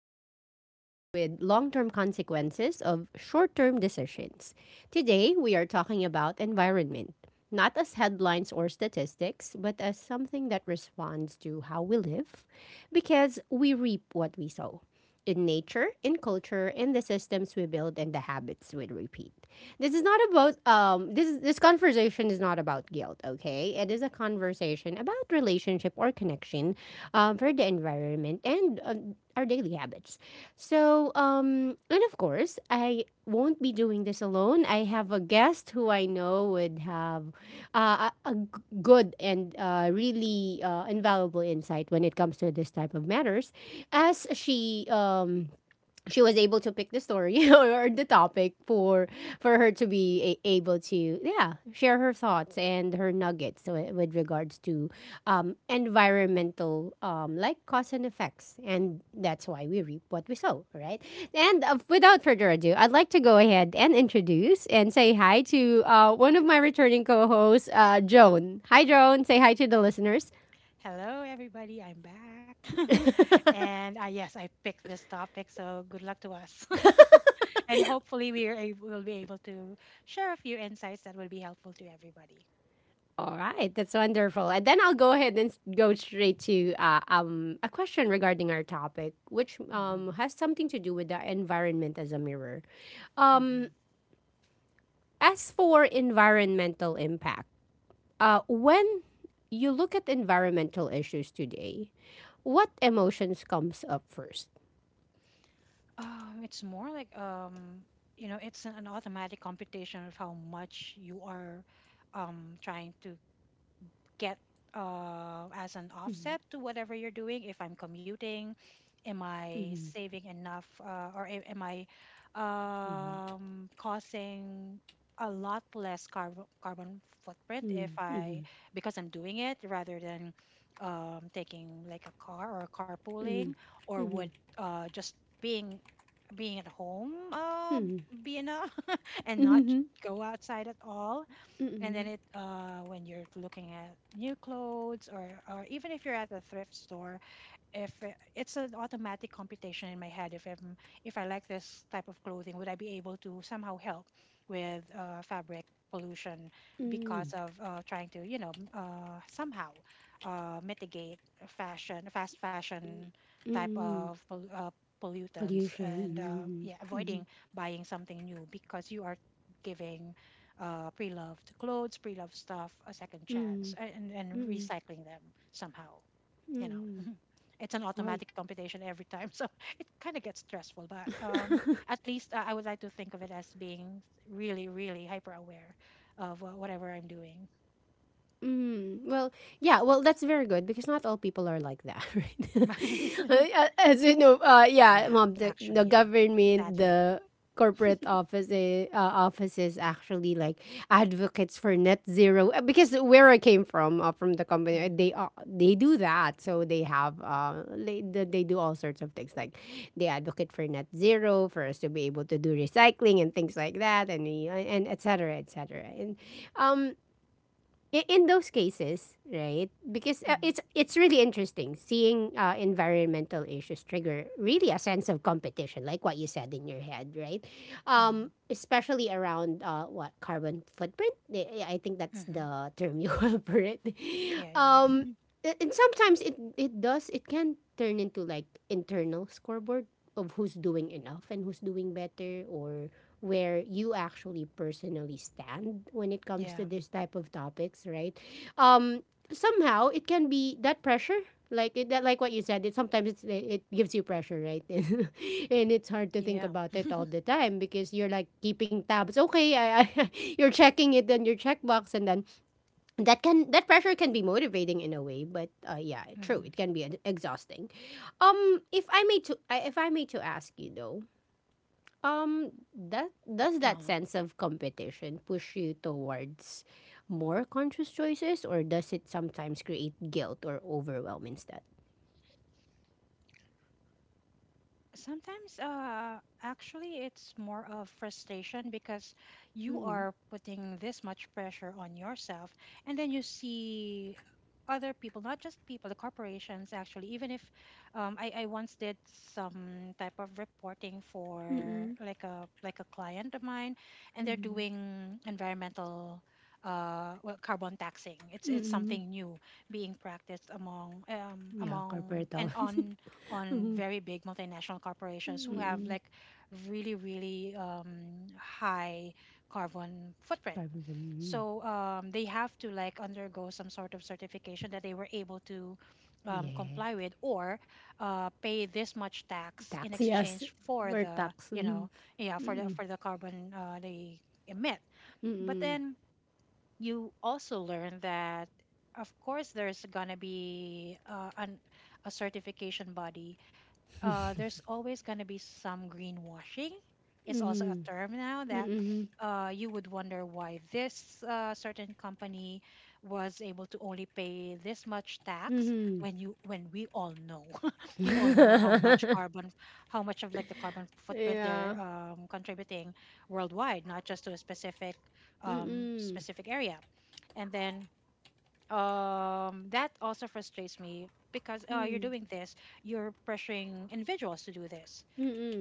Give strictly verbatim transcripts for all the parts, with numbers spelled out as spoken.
This is where we sit with long term consequences of short term decisions. Today, we are talking about environment, not as headlines or statistics, but as something that responds to how we live because we reap what we sow in nature, in culture, in the systems we build, and the habits we repeat. This is not about um this is- this conversation is not about guilt, okay? It is a conversation about relationship or connection um, for the environment and uh, our daily habits. Yes. So, um, and of course, I won't be doing this alone. I have a guest who I know would have uh, a, a g- good and uh, really uh, invaluable insight when it comes to this type of matters, as she um, she was able to pick the story or the topic for for her to be a- able to yeah share her thoughts and her nuggets with, with regards to um, environmental um, like cause and effects, and that's why we reap what we sow, right? And uh, without further ado, I'd like to go ahead and introduce and say hi to uh, one of my returning co-hosts, uh, Joan. Hi, Joan, say hi to the listeners. Hello, everybody. I'm back. and uh, yes, I picked this topic, so good luck to us. And hopefully, we are ab- will be able to share a few insights that will be helpful to everybody. All right, that's wonderful. And then I'll go ahead and s- go straight to uh, um, a question regarding our topic, which hmm um, has something to do with the environment as a mirror. Um, hmm as for environmental impact, uh, when you look at environmental issues today, what emotions comes up first? Um, it's more like um, you know, it's an automatic computation of how much you are um, trying to get uh, as an offset to whatever you're doing. If I'm commuting, am I saving enough uh, or a- am I um, causing a lot less carbon carbon footprint Hmm. if Hmm. I, because I'm doing it rather than um, taking like a car or carpooling, or Hmm. would uh, just being being at home, uh, Hmm. be enough and not Hmm. go outside at all. And then it uh when you're looking at new clothes, or or even if you're at a thrift store, if it- it's an automatic computation in my head, if I'm, if I like this type of clothing, would I be able to somehow help with uh, fabric pollution, because of uh, trying to, you know m- uh, somehow uh, mitigate fashion fast fashion type Hmm. of pol- uh, pollutants, and uh, yeah, Pollution. avoiding Mm-hmm. buying something new because you are giving uh, pre-loved clothes, pre-loved stuff, a second Mm-hmm. chance, a- and and recycling them somehow. You know, Mm-hmm. Mhm. It's an Oui. automatic computation every time, so it kind of gets stressful. But um, at least I I would like to think of it as being really, really hyper aware of uh, whatever I'm doing. Mm, well, yeah, well, that's very good because not all people are like that, right? As you know, uh, yeah, Yeah, mom, the, actually, the yeah. government, Sadly. the corporate office, eh, uh, offices actually like advocates for net zero uh, because where I came from, uh, from the company, uh, Mm-hmm. they uh, they do that. So they have uh, they, they do all sorts of things like they advocate for net zero for us to be able to do recycling and things like that, and we- and et cetera, et cetera, and um i- in those cases, right? Because uh, Mm-hmm. it's it's really interesting seeing uh, environmental issues trigger really a sense of competition, like what you said in your head, right? Um, Um, especially around uh, what carbon footprint. I I think that's hmm the term you have for it. Yeah, yeah, Um, a- and sometimes it it does it can turn into like internal scoreboard of who's doing enough and who's doing better or where you actually personally stand when it comes to yeah, this type of topics, right? Um, Somehow it can be that pressure, like it, that, like what you said. It sometimes it's, it, it gives you pressure, right? And it's hard to think yeah. about it all the time because you're like keeping tabs. Okay, I, I, you're checking it in your checkbox, and then that can that pressure can be motivating in a way. But uh, yeah, true, it Mm-hmm. can be ex- exhausting. Um, if I may to I- if I may to ask you though, um, that does that Uh-huh. sense of competition push you towards more conscious choices, or does it sometimes create guilt or overwhelm instead? Sometimes, uh, actually, it's more of frustration because you Mm-mm. are putting this much pressure on yourself, and then you see other people, not just people, the corporations actually. Even if um, I, I once did some type of reporting for Mm-mm. like a like a client of mine, and they're Mm-mm. doing environmental uh, well, carbon taxing. It's it's Mm-mm. something new being practiced among um, Yeah, corporate among towels. and on on Mm-mm. very big multinational corporations who have Mm-mm. like really, really um, high carbon footprint, Corporate- mm-mm. so um, they have to like undergo some sort of certification that they were able to um, Yeah. comply with, or uh, pay this much tax in Tax, yes. exchange for For the, tax. you Mm-mm. know, yeah, for the for the carbon, uh, they emit. But Mm-mm. then you also learn that, of course, there's gonna be uh, an, a certification body. Uh, there's always going to be some greenwashing. It's also a Mm-mm. term now that Mm-mm. uh, you would wonder why this uh, certain company was able to only pay this much Mm-mm. tax, Mm-mm. when you when we all know we all know how much carbon how much of like the carbon footprint they're Yeah. um, contributing worldwide, not just to a specific um, Mm-mm. specific area. And then um that also frustrates me, because uh, you're Mm. doing this, you're pressuring individuals to do this,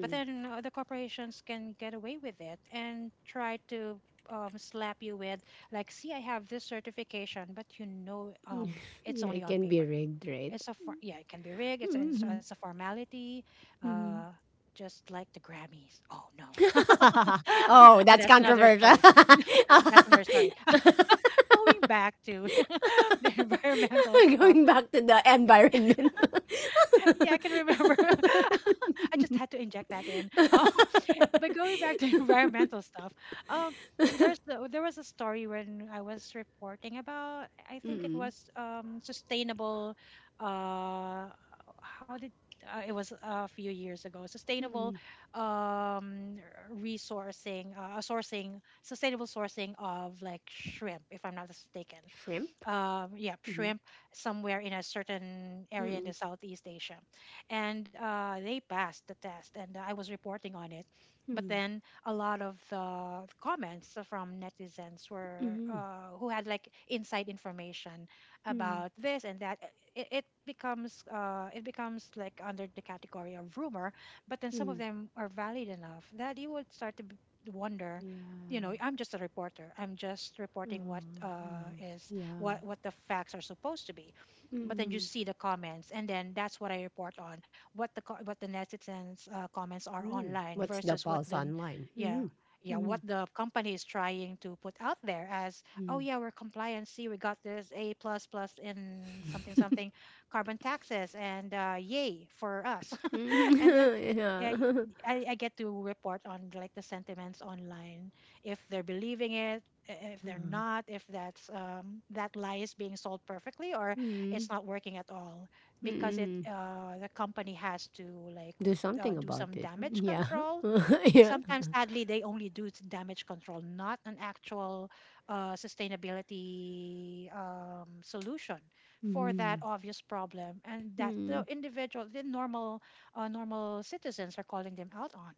but then uh, the corporations can get away with it and try to um, slap you with, like, see, I have this certification, but you know, um, it's Yeah, only it on can be paper. rigged, right? It's a for- yeah, it can be rigged. it's, it's, Mhm. It's a formality, uh, Mhm. just like the Grammys. Oh no. Oh, But that's that's another controversial. story. that's another story Going back to the environmental stuff. Going back to the environment. Yeah, I can remember. I just had to inject that in. Um, but going back to environmental stuff, um, y- there's the, there was a story when I was reporting about. I think it Mm-mm. was um, sustainable. Uh, how did uh, It was a few years ago. Sustainable, um, resourcing, uh, sourcing, sustainable sourcing of like shrimp, if I'm not mistaken. Shrimp? Uh, yeah, Mm-mm. shrimp, somewhere in a certain area in the Mm-mm. Southeast Asia. And uh, they passed the test, and I was reporting on it. But Mm-mm. then a lot of the comments from netizens were Mm-mm. Mm. uh, who had like inside information about this and that. It, it becomes uh, it becomes like under the category of rumor. But then some Mm. of them are valid enough that you would start to b- wonder. You know, Yeah. I'm just a reporter, I'm just reporting what Mm, uh, mm. is Yeah. what what the facts are supposed to be. But then you Mm. see the comments, and then that's what I report on, what the co- what the netizens uh, comments are Mm. online What's the versus what pulse the, online? yeah, Mm-hmm. yeah, Mm-hmm. what the company is trying to put out there as, oh yeah, we're compliant, see, we got this a plus plus in something something carbon taxes, and uh, yay for us. And then Mm-hmm. I, Yeah. I I get to report on like the sentiments online, if they're believing it, i- if they're Uh-huh. not, if that's um, that lie is being sold perfectly, or Mm. it's not working at all, because it Mm. uh, the company has to like Do f- uh, something do about some it. damage Yeah. control. Yeah. Sometimes sadly they only do t- damage control, not an actual uh, sustainability um, solution for that Mm. obvious problem, and that the Mm. individual, the normal uh, normal citizens are calling them out on,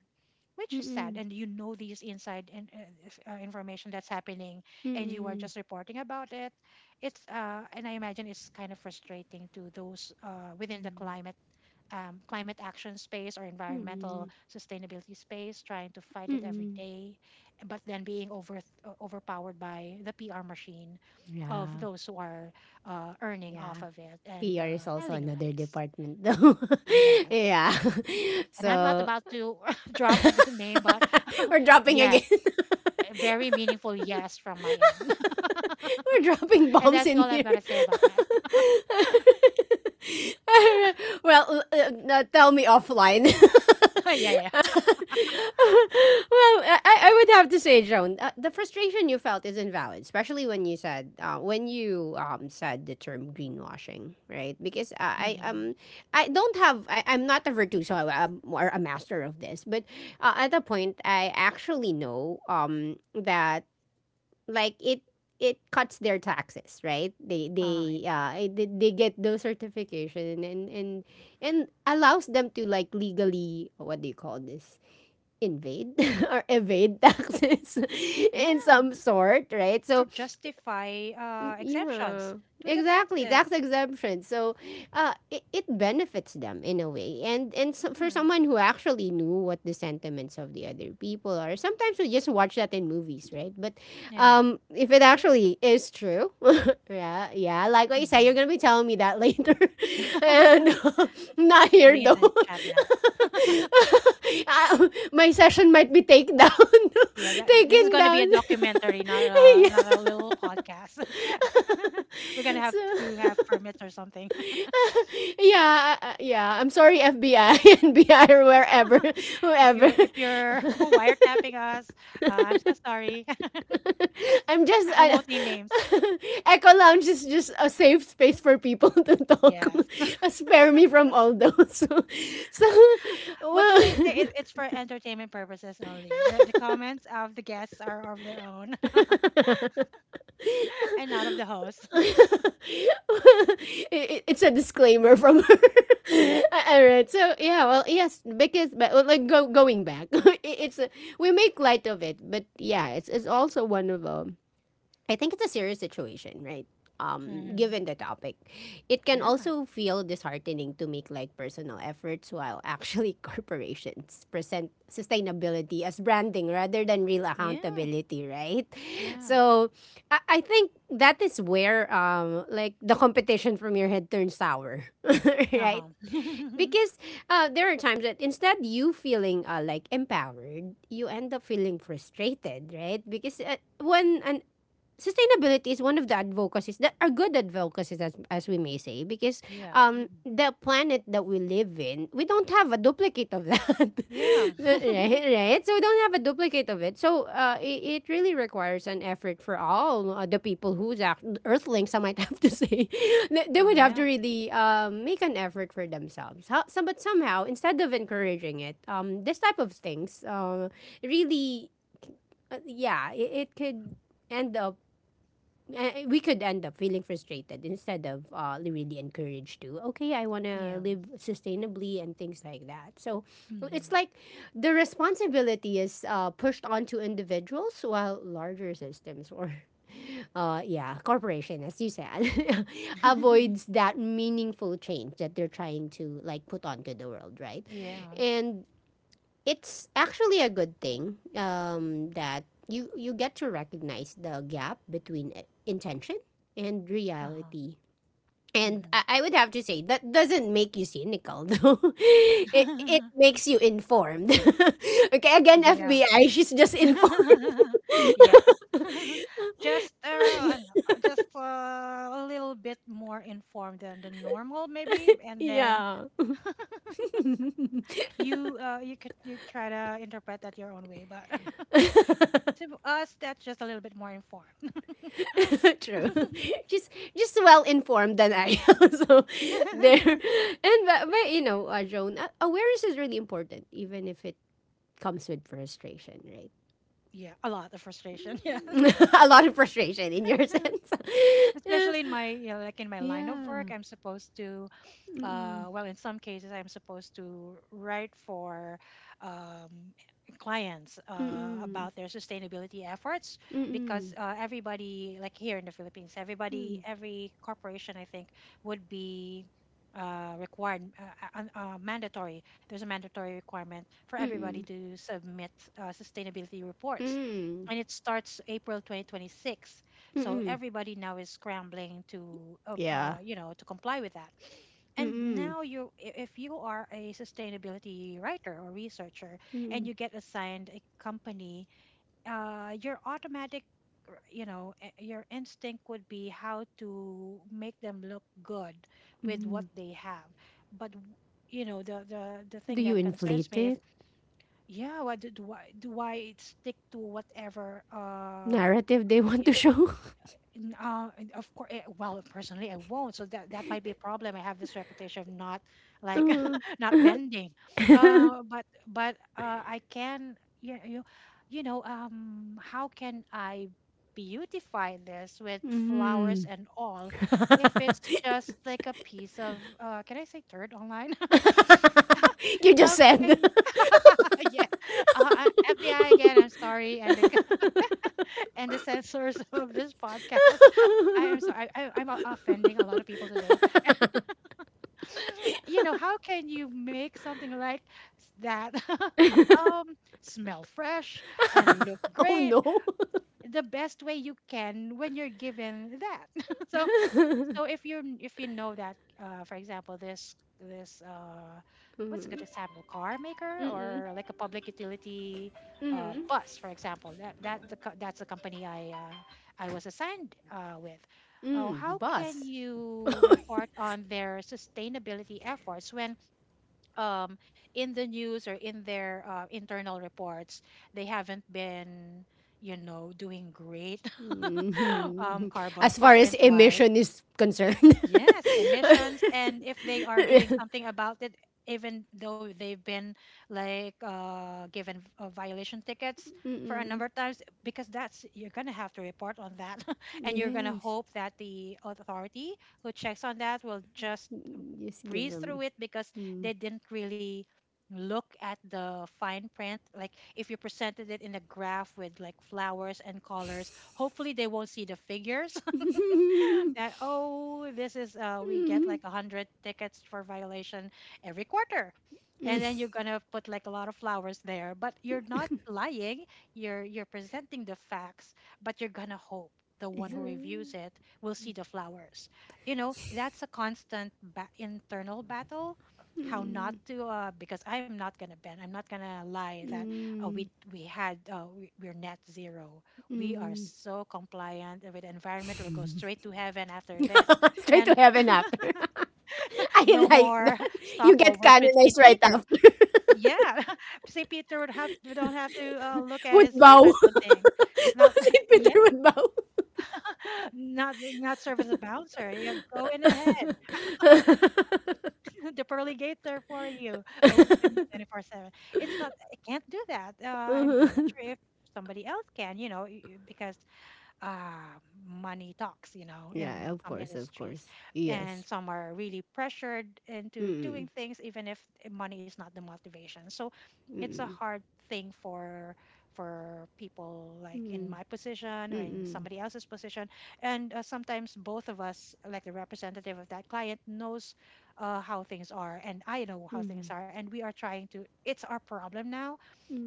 which is sad. Mm. And you know these inside in, uh, if- uh, information that's happening, and you are Mm. just reporting about it. It's uh, and I imagine it's kind of frustrating to those uh, within the climate um, climate action space or Mm. environmental sustainability space, trying to fight it every Mm. day, but then being over uh, overpowered by the P R machine of Yeah. those who are uh, earning Yeah. off of it and P R is uh, also telling another lies. department though. Yes. Yeah. And I'm not So about to drop on the name, but we're dropping again. yes, a very meaningful yes from my end. We're dropping And bombs that's in all I'm here. going to say about that. Well, uh, uh, tell me offline. Yeah, yeah. Well, I, I would have to say, Joan, uh, the frustration you felt is invalid, especially when you said uh, when you um, said the term greenwashing, right? Because I I, Hmm. um I don't have I, I'm not a virtuoso um, or a master of this, but uh, at a point I actually know um that like it it cuts their taxes, right? They Uh, they uh it- they, they get those certification and, and and and allows them to like legally, what do you call this, invade or evade taxes yeah, in some sort, right? or So justify mm, uh, yeah, exemptions to the exactly. taxes. Tax exemption. So, uh, it, it benefits them in a way. And and so, for Hmm. someone who actually knew what the sentiments of the other people are, sometimes we just watch that in movies, right? But, Yeah. um, if it actually is true, yeah, yeah, like what you said, you're Mhm. gonna be telling me that later, and I'm not here putting it though. in the chat now. Uh, my session might be taken down, Yeah, that this is taken going to be down. a documentary, not a not a little podcast. We're going to have So to have permits or something. yeah, uh, yeah. I'm sorry, F B I, N B I, or wherever, If you're whoever. if you're wiretapping us, uh, I'm so sorry. I'm just I I, won't name names. Echo Lounge is just a safe space for people to talk. Yes. Uh, Spare me from all those. So, so What do they well. say? It, it's for entertainment purposes only. The, the comments of the guests are of their own and not of the host. It- it's a disclaimer from her. Yeah. All right. So yeah, well, yes, because but well, like go, going back, it- it's a, we make light of it, but yeah, it's it's also one of um I think it's a serious situation, right? Um, hmm. Given the topic, it can Yeah. also feel disheartening to make like personal efforts while actually corporations present sustainability as branding rather than real Yeah. accountability, right? Yeah. So I, I think that is where um, like the competition from your head turns sour, Uh right? huh. Because uh, there are times that instead you feeling uh, like empowered, you end up feeling frustrated, right? Because uh, when an sustainability is one of the advocacies that are good advocacies, as, as we may say, because Yeah. Um mhm. the planet that we live in, we don't have a duplicate of that Yeah. right, right, so we don't have a duplicate of it, so uh, it, it really requires an effort for all uh, the people who's act- earthlings, I might have to say, they they would have Yeah. to really um, make an effort for themselves. How, some, but somehow instead of encouraging it um this type of things uh, really uh, yeah, it, it could end up uh, we could end up feeling frustrated instead of uh, really encouraged to okay I want to Yeah. live sustainably and things like that so it's Mm-hmm. like the responsibility is uh, pushed onto individuals while larger systems or uh, yeah corporation as you said avoids that meaningful change that they're trying to like put onto the world, right? Yeah. And it's actually a good thing um, that you you get to recognize the gap between i- intention and Uh-huh. reality. And Mm-hmm. I, I would have to say that doesn't make you cynical though. It it makes you informed. Okay, again, yeah. F B I, she's just informed. Yes. just uh, an- uh, just uh, a little bit more informed than the normal maybe, and then Yeah. you uh, you could, you try to interpret that your own way, but to us that's just a little bit more informed. True. Just just well informed than I am. So there. And but, but you know, uh, Joan, uh, awareness is really important even if it comes with frustration, right? Yeah, a lot of frustration. Yes. A lot of frustration in your sense. Especially in my, you know, like in my line of work, Yeah. I'm supposed to uh, Mm-mm. well, in some cases, I'm supposed to write for um, clients uh, Mm-mm. about their sustainability efforts, because Mm-mm. uh, everybody, like here in the Philippines, everybody, Mm. every corporation, I think, would be uh, required, uh, uh, un- uh, mandatory. There's a mandatory requirement for everybody Mm-mm. to submit uh, sustainability reports. Mm-mm. And it starts April twenty twenty-six. So Mm-mm. everybody now is scrambling to, uh, Yeah. uh, you know, to comply with that. And Mm-mm. now you, i- if you are a sustainability writer or researcher and Mm-mm. you get assigned a company, uh, your automatic r- you know, i- your instinct would be how to make them look good with what Mm-mm. they have. But w- you know, the the, the thing Do you that concerns inflate me, if, it? yeah, why do, do i, do I stick to whatever uh Narrative they want to show? N- Uh, and of course, well, personally, I won't. So that that might be a problem. I have this reputation of not, like, not bending. Mm. Uh, but but uh, I can, you you you know, um how can I beautify this with flowers Mm. and all if it's just like a piece of uh, can I say third online? you How just can said. you? Yeah, uh, I- F B I again. I'm sorry, and and the censors of this podcast. I am sorry, I, I- am o- offending a lot of people today. You know, how can you make something like s- that, um, smell fresh and look Oh great no. the best way you can when you're given that? So, so if you, if you know that, uh, for example, this this uh, what's a good Mm, example? Car maker, mm-mm, or like a public utility uh, mm, bus, for example. That that the co- that's the company I, uh, I was assigned uh, with. Oh, mm, how can bus. you report on their sustainability efforts when, um, in the news or in their uh, internal reports, they haven't been, you know, doing great um, Mhm. carbon As far as footprint wise? emission is concerned. Yes, emissions, and if they are doing something about it, even though they've been like uh, given uh, violation tickets for a Mm-mm. number of times, because that's you're gonna have to report on that, and you're gonna Yes. hope that the authority who checks on that will just Just give breeze through them. it because Mm. they didn't really look at the fine print. Like if you presented it in a graph with like flowers and colors, hopefully they won't see the figures that oh, this is uh we get Mm, like a hundred tickets for violation every quarter, and then you're gonna put like a lot of flowers there, but you're not lying, you're you're presenting the facts, but you're gonna hope the one it's, uh, who reviews it will see the flowers, you know, that's a constant ba- internal battle how not to uh, because I am not gonna bend, I'm not gonna lie that uh, we mm, we had uh, we, we're net zero, we are mm. so compliant with the environment. We'll go straight to heaven after this. Straight to And heaven after. I no like more that. You get stopovers with saint canonized right Peter. after. Yeah. saint Peter would have, we don't have to uh, look at Would his list or bow. something. Not Saint yeah, Peter would bow. not Not serve as a bouncer. Yeah, go in ahead. The pearly gates are for you. Open twenty-four seven. It's not, I can't do that. Uh, I'm I'm not sure if somebody else can, you know, y- y- because uh, money talks, you know, Yeah, in of some course, of industries. course. And Yes. some are really pressured into doing Mm. things, even if money is not the motivation. So it's a Mm. hard thing for for people like in Mm. my position or in Mm. somebody else's position, and uh, sometimes both of us, like the representative of that client knows uh, how things are, and I know how things Mm. are, and we are trying to, it's our problem now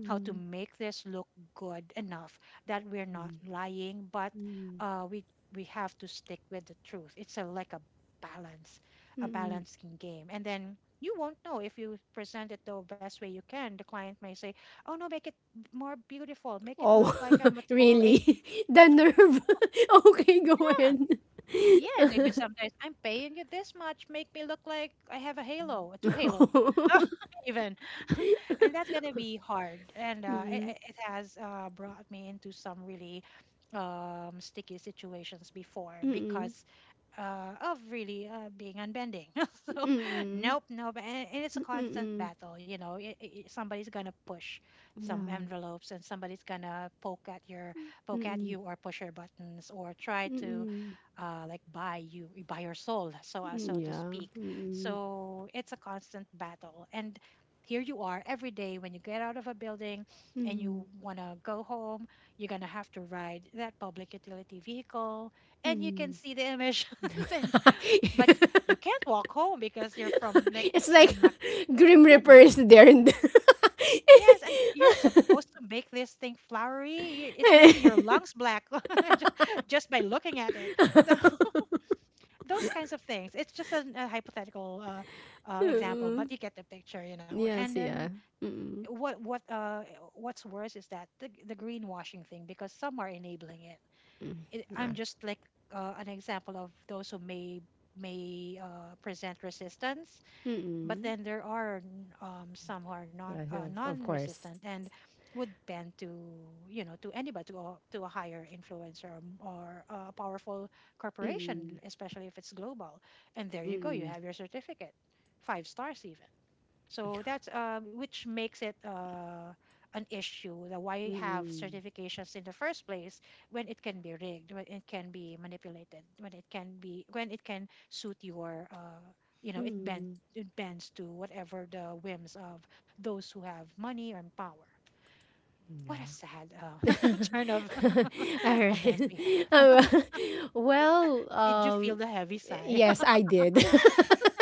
how to make this look good enough that we're not Mm. lying. But Mm. uh, we we have to stick with the truth. It's a like a balance, a Mm. balancing game, and then you won't know if you present it the best way you can. The client may say, "Oh no, make it more beautiful, make it look Oh, like I'm a total A." really? The nerve. Okay, go ahead. Yeah, and even sometimes I'm paying you this much, make me look like I have a halo, uh, two halos, even, and that's gonna be hard. And uh, it, Mm-mm. it it has uh, brought me into some really um, sticky situations before Mm-mm. because uh, of really uh, being unbending. So, Mm-mm. nope, nope, and, and it's a constant Mm-mm. battle. You know, I I somebody's gonna push some Yeah. envelopes, and somebody's gonna poke at your poke at you Mm-mm. or push your buttons or try to Mm-mm. uh, like buy you buy your soul, so uh, Mm, so to yeah. speak. Mm-mm. So it's a constant battle, and here you are every day when you get out of a building and you Mm-mm. want to go home, you're going to have to ride that public utility vehicle, and you can Mm. see the emissions and but you can't walk home because you're from like It's it's like in Mac, Grim you Reaper know. is there in the- Yes, and you're supposed to make this thing flowery, y- it's making your lungs black ju- just by looking at it. So those kinds of things. It's just an, a hypothetical uh, uh, example, Mm. but you get the picture, you know. And Yes, then yeah. Mm-mm. what what uh, what's worse is that the the greenwashing thing, because some are enabling it. Mm. it Yeah. I'm just like uh, an example of those who may may uh, present resistance, but Mm-mm. then there are n- um, some who are non Well, uh, of- of non-resistant course. and would bend to, you know, to anybody, to a, to a higher influencer or, m- or a powerful Mm-mm. corporation, especially if it's global, and there you go, you Mm-mm. have your certificate, five stars even. So that's uh, which makes it uh, an issue that why have Mm-mm. certifications in the first place when it can be rigged, when it can be manipulated, when it can be when it can suit your uh, you know, it bent Mm-mm. it bends to whatever the whims of those who have money and power. What a Yeah. sad uh, turn of All events right. we have. Um, well, Did you feel um, the heavy sigh? yes, I did.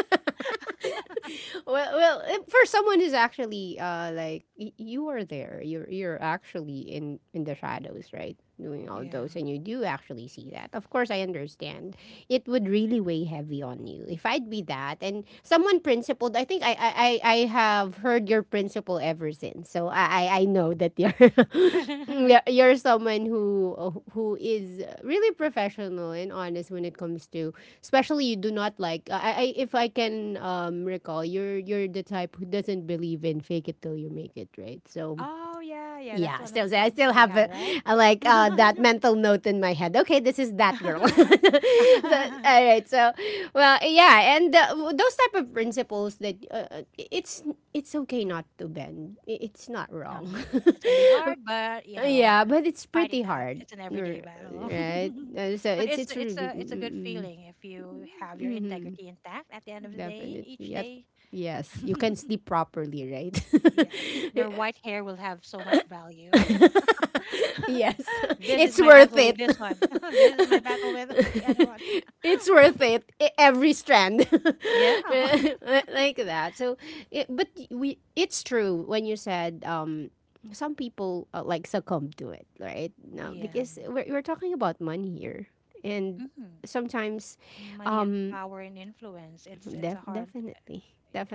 Well, well, eh, for someone who's actually uh like y- you are there, you're you're actually in in the shadows, right? Doing all Yeah. those, and you do actually see that. Of course, I understand. It would really weigh heavy on you. If I'd be that and someone principled, I think I I, I I have heard your principle ever since. So I I I know that you're you're you're someone who who is really professional and honest when it comes to, especially you do not like, I, I if I can um recall, you're you're the type who doesn't believe in fake it till you make it, right? So Oh yeah, yeah. That's yeah, one of so the so I topics still that we have had, a, right? a, like uh, that mental note in my head. Okay, this is that girl. So, Uh-huh. all right, so well, yeah, and uh, w- those type of principles that uh, uh, it's it's okay not to bend. I- It's not wrong. It's gonna be hard, but you know, Yeah, but it's fight pretty it out. hard, It's an r- everyday battle. right? Uh, so But it's it's it's really it's mm, a it's a mm, good mm, feeling if you have your mm-hmm, integrity intact at the end of the day, definitely. each Yet, day. yes, you can sleep properly, right? Yes, your white hair will have so much value. Yes, This it's is my worth battle it. with this one. This is my battle with the other one. It's worth it. e- Every strand, Yeah, like that. So, it, but we, it's true when you said, um, some people uh, like succumb to it, right? No, yeah. because we're we're talking about money here, and Hmm. sometimes, Money and um, power and influence. It's it's a def- hard. definitely,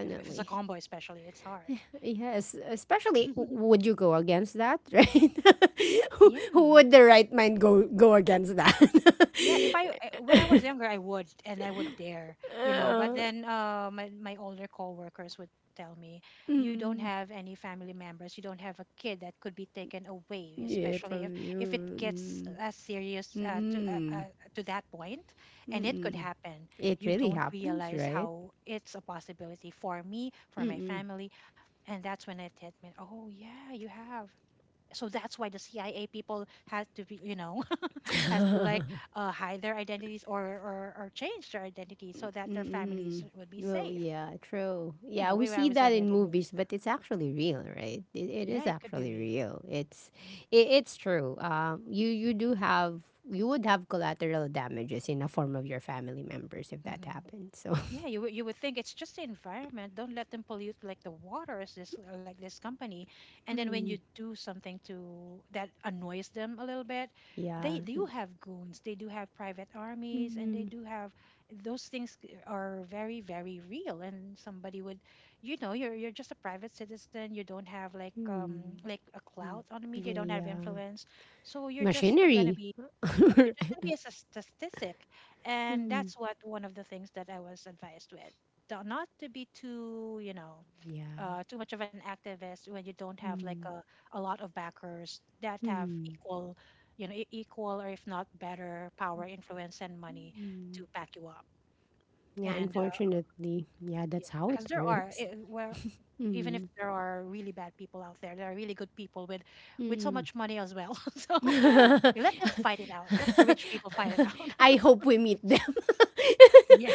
If, if it's a combo, especially, it's hard. Yes, especially, w- would you go against that, right? who, who Yeah. would the right mind go go against that? Yeah, if I I- when I was younger, I would, and I would dare, you know. But Uh, then uh, my my older coworkers would tell me, "You don't mm, have any family members. You don't have a kid that could be taken away, yeah, especially if probably. if it gets Mm, as serious mm, uh, to uh, mm, uh, to that point, and it could mm. happen. It You really don't happens, realize right? how it's a possibility for me, for my Mm-mm. family, and that's when it hit me. Oh yeah, you have. So that's why the C I A people had to be, you know, has to like uh, hide their identities, or, or or change their identity so that their families Mm. would be Well, safe. yeah, true. You Yeah, know, we way when I see was that younger, I in didn't realize movies, that. but it's actually real, right? It, it Yeah, is it could be actually real. real. It's it, it's true. Um, you you do have you would have collateral damages in the form of your family members if that Hmm. happened. So, Yeah, you would, you would think it's just the environment. Don't let them pollute like the waters. This Like this company. And then when you hmm, do something to that annoys them a little bit, yeah, they do have goons, they do have private armies, and they mm-hmm. do have those things c- are very, very real. And somebody would, you know, you're you're just a private citizen. You don't have like um Hmm. like a clout on the media, don't Yeah, have yeah, influence. So you're just you're gonna machinery. be, yeah, you're just gonna be a s- statistic, and Hmm. that's what one of the things that I was advised with. Do- Not to be too, you know, Yeah. uh, too much of an activist when you don't have like Hmm. a, a lot of backers that have Hmm. equal, you know, e- equal or if not better power, influence, and money Hmm. to back you up. Yeah, And uh, unfortunately, yeah, yeah, that's how because it there are works. eh, where even if there are really bad people out there, there are really good people with with so Mm. much money as well. So okay, let them fight it out. Let the rich people fight it out. I hope we meet them. Yeah.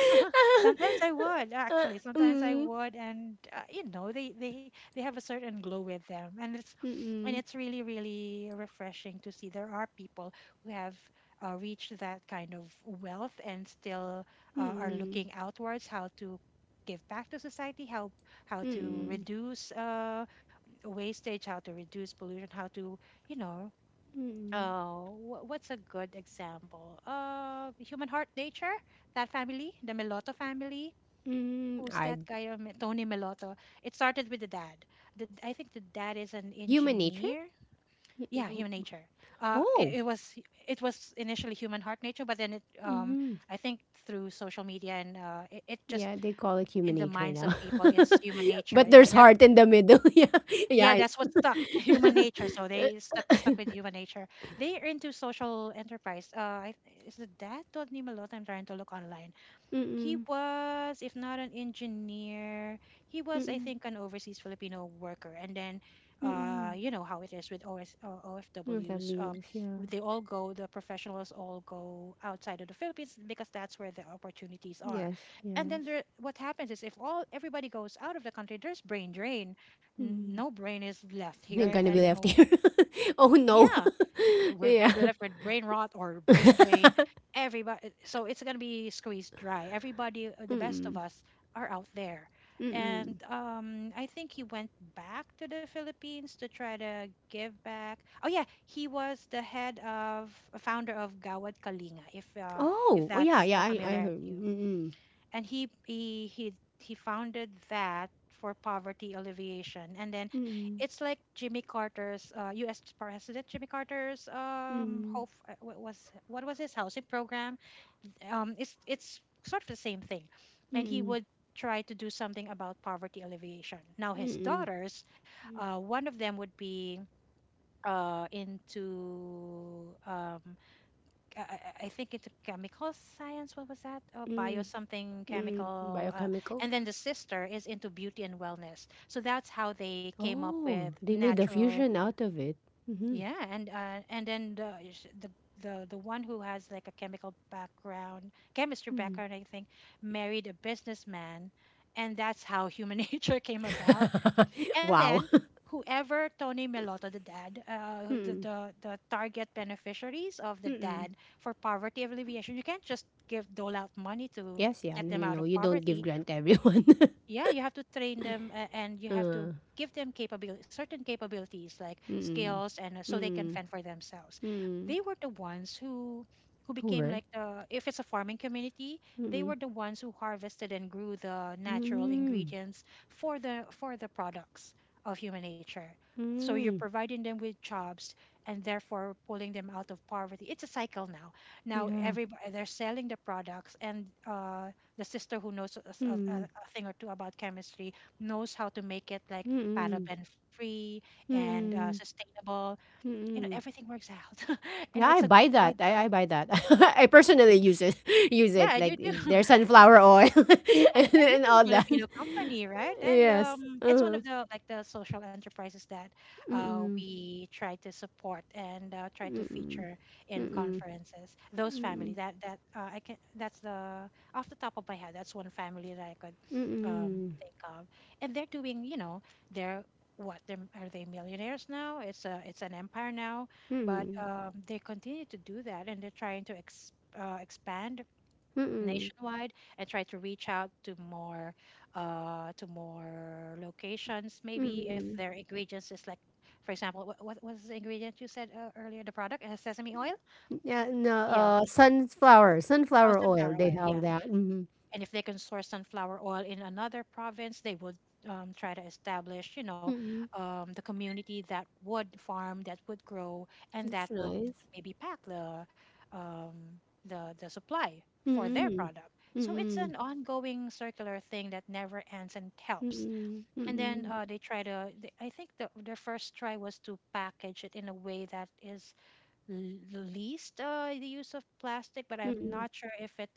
Sometimes I would, actually. Sometimes I Mm, would, and uh, you know, they they they have a certain glow with them, and it's mm, and it's really, really refreshing to see there are people who have uh, reached that kind of wealth and still uh, are mm, looking outwards how to give back to society, how how to mm, reduce uh, wastage, how to reduce pollution, how to, you know. mm, Uh, wh- what's a good example? Uh, Human Heart Nature, that family, the Meloto family. mm. Who's I that guy? Um, Tony Melotto. It started with the dad. The, I think the dad is an Human nature? engineer. Y- Yeah, Human y- Nature. Uh, Oh. It, it was, it was initially Human Heart Nature, but then it um, Hmm. I think through social media and uh, it, it just Yeah, they call it human in the nature minds now. of people, it's Human Nature. But Yeah, there's that's, heart in the middle. Yeah. yeah, Yeah. I- that's what stuck. Human Nature. So they stuck stuck with Human Nature. They are into social enterprise. Uh, I, is the dad Tony Melotto? I'm trying to look online. He Mm-mm. was, if not an engineer, he was, I Mm-mm. think, an overseas Filipino worker. And then, uh, Mm-mm. you know how it is with O S, uh, Of O F Ws. Um, abuse, yeah. they all go, the professionals all go outside of the Philippines because that's where the opportunities are. Yes, And then yes. there, what happens is if all everybody goes out of the country, there's brain drain. N- Mm. No brain is left You're here, gonna be and left no, here. Oh no. yeah, we're Yeah. gonna be left with brain rot or brain drain. Everybody, so it's gonna be squeezed dry. Everybody, uh, the best of Mm. us, are out there, Mm. and um, I think he went back to the Philippines to try to give back. Oh yeah, he was the head of a founder of Gawad Kalinga. If uh, if Oh. Oh yeah. that's Yeah. uh, I. I familiar heard. to you, Mm. and he he he he founded that for poverty alleviation. And then Mm. it's like Jimmy Carter's uh, US president Jimmy Carter's um Mm. hope, uh, what was what was his housing program, um it's it's sort of the same thing. And he Mm. would try to do something about poverty alleviation. Now his Mm. daughters, uh, one of them would be uh, into um, I, I I think it's chemical science. What was that? Oh, bio Mm. something Mm. chemical. Uh, Biochemical. and then the sister is into beauty and wellness. So that's how they came up with Oh, they made a natural. fusion out of it. Hmm. Yeah, and uh, and then the, sh- the the the one who has like a chemical background, chemistry background, I think, married a businessman, and that's how human nature came about. And then Wow. whoever Tony Melotto, the dad, uh, the, Mm. the the target beneficiaries of the Mm. dad for poverty alleviation, you can't just give dole out money to Yes. Yeah. get No. them No. out No. of You don't give poverty. grant everyone. Yeah, you have to train them a- and you have to uh. give them capability, certain capabilities like Mm. skills, and uh, so they can Mm. fend for themselves. Mm. They were the ones who who Who became work? like the if it's a farming community, they Mm. were the ones who harvested and grew the natural Mm. ingredients for the for the products of human nature. So you're Mm. providing them with jobs and therefore pulling them out of poverty. It's a cycle now. Now Yeah. everybody, they're selling the products, and uh, the sister who knows a, s- a- a- Mm. a thing or two about chemistry knows how to make it, like, Mm. paraben free and uh, Mm, sustainable. you know mm. Everything works out and Yeah, it's I a buy that. good uh, I I buy that. I personally Yeah. use it. Use Yeah, it I do like in too. their sunflower oil and and, and this and is a all that. Filipino company, right? And Yes. Um, it's one Uh-huh. of the like the social enterprises that uh, Mm-mm. we try to support and uh, try to Mm-mm. feature in Mm-mm. conferences. Those family, Mm-mm. that that uh, I can that's the, off the top of my head, that's one family that I could um, Mm-mm. think of, and they're doing, you know they're, what they're, are they millionaires now? It's a it's an empire now, but Mm-mm. um, they continue to do that, and they're trying to ex, uh, expand Mm-mm. nationwide and try to reach out to more uh to more locations. Maybe if Mm-mm. their ingredients is like, for example, what, what was the ingredient you said uh, earlier, the product? It has sesame oil. Yeah, no, Yeah. uh, sunflower, Oh, sunflower oil. sunflower They oil. have Yeah. that. Mm-hmm. And if they can source sunflower oil in another province, they would um, try to establish, you know Mm-mm. um, the community that would farm, that would grow, and That's that would nice. maybe pack the um, the the supply for their Mm-mm. product. So it's Mm-mm. an ongoing circular thing that never ends and helps. Mm-mm. And then Mm-mm. uh, they try to, they, I think the, their first try was to package it in a way that is l- least uh, the use of plastic. But I'm Mm-mm. not sure if it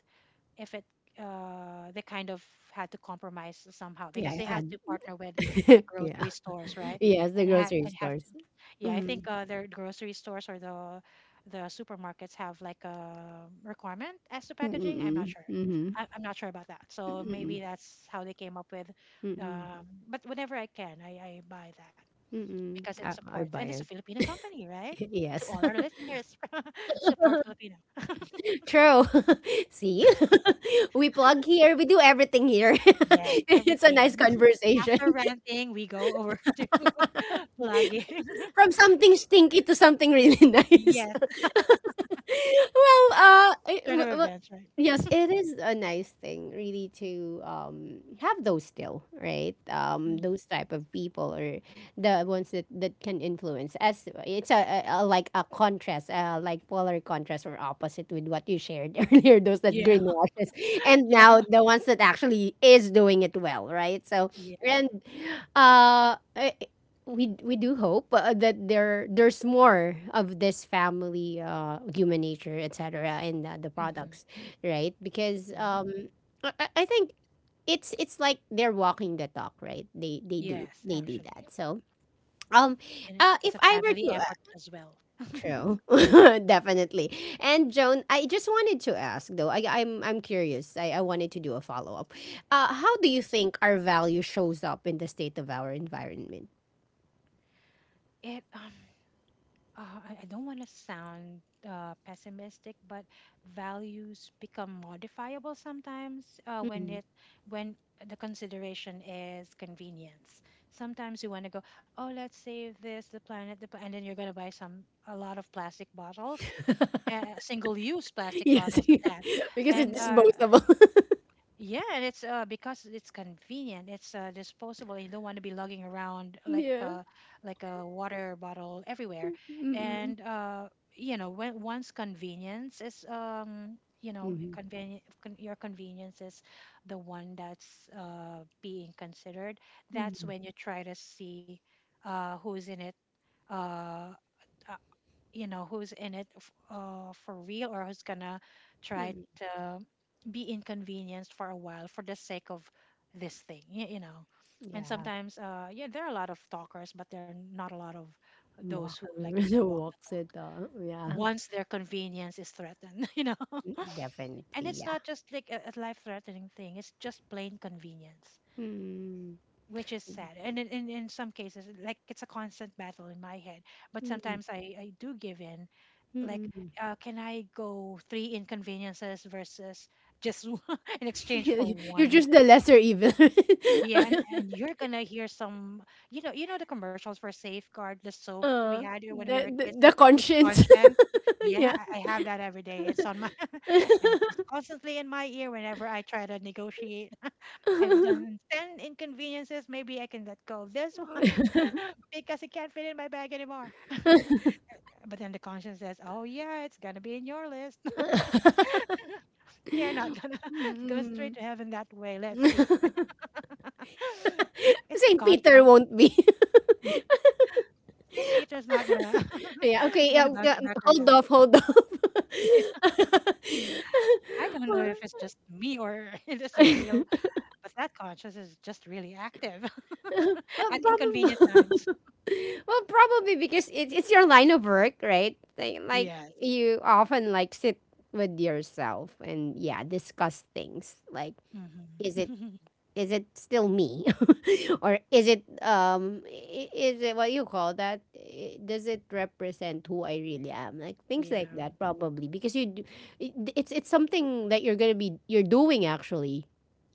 if it uh, they kind of had to compromise somehow Yeah, because I they had had to partner with, like, yeah. grocery stores, right? Yes, And the had grocery and have to, stores. yeah, I think Mm. uh, their grocery stores or the the supermarkets have, like, a requirement as to packaging. I'm not Mm-mm. sure. Mm-hmm. I, I'm not sure about that. So Mm-mm. maybe that's how they came up with. Mm-mm. Um, but whenever I can, I, I buy that Mm-mm. because it I, I supports, buy and it's a it. Filipino company, right? To Yes. all our listeners, support Filipino. True. See? We plug here. We do everything here. Yes, It's a nice everything. conversation. After ranting, we go over to plugging. From something stinky to something really nice. Yes, Well, uh, I- turn w- of w- events, right? yes, it is a nice thing, really, to um have those still, right? Um, Mm. those type of people, or the ones that that can influence. As it's a, a, a like a contrast, uh, like polar contrast or opposite with what you shared earlier. Those that Yeah, greenwashes, and yeah, now the ones that actually is doing it well, right? So, yeah. and uh, eh, we we do hope uh, that there there's more of this family, uh human nature etc., in the, the Hmm. products, right? Because Yeah, um I, I I think it's it's like they're walking the talk, right? they they do yes, they do actually, that. So um and it- uh it's a if I were family to uh, effort as well. true. Definitely. And, Joan, I just wanted to ask though, i i'm i'm curious, i, I wanted to do a follow-up. Uh how do you think our value shows up in the state of our environment? It um uh, I, I don't want to sound uh, pessimistic, but values become modifiable sometimes, uh, when Mm-hmm. it when the consideration is convenience. Sometimes you want to go, "Oh, let's save this, the planet, the pla-" and then you're gonna buy some a lot of plastic bottles, uh, single use plastic Yes, bottles at that, because and it's uh, disposable. yeah, and it's uh because it's convenient. It's uh disposable. You don't want to be lugging around like Yeah. a like a water bottle everywhere. Mm. And uh you know, when once convenience is um you know Mhm. convenient con your convenience is the one that's uh being considered. That's Mhm. when you try to see uh who's in it. Uh uh, you know who's in it, f- uh, for real, or who's gonna try Mm. to be inconvenienced for a while for the sake of this thing you, you know And Yeah. sometimes, uh yeah, there are a lot of talkers, but there are not a lot of those Walk, who, like you said, walk the walks it talk all. Yeah. once their convenience is threatened. you know Mm, definitely. And it's Yeah. not just like a, a life threatening thing, it's just plain convenience, Mm. which is sad. And in, in, in some cases, like, it's a constant battle in my head, but Mm. sometimes i i do give in, like, Mm. uh, can I go three inconveniences versus just, in exchange for You're one? just the lesser evil. Yeah, and, and you're gonna hear some. You know you know the commercials for safeguard, the soap we Uh, had when we the, were the kids, and the there's a conscience. conscience. Yeah, Yeah. i I have that every day. It's on my and she's constantly in my ear whenever I try to negotiate. I've done ten inconveniences. Maybe I can let go of this one because it can't fit in my bag anymore. But then the conscience says, "Oh yeah, it's gonna be in your list." Yeah, you're not gonna go straight Mm. to heaven that way. Let's see. It's a Saint Peter constant. won't be. Yeah. Saint Peter's not gonna Yeah, okay, yeah, gonna bounce yeah, you back right hold out. off, hold off. I don't know Well, if it's just me or it is a real, but that conscience is just really active well, at inconvenient probably, times. well, probably because it's it's your line of work, right? Like, like Yes. you often like sit with yourself and, yeah, discuss things. Like, Hmm. is it is it still me, or is it, um i- is it, what you call that, I- does it represent who I really am, like things like Yeah. that? Probably because you d- it- it's it's something that you're gonna be you're doing actually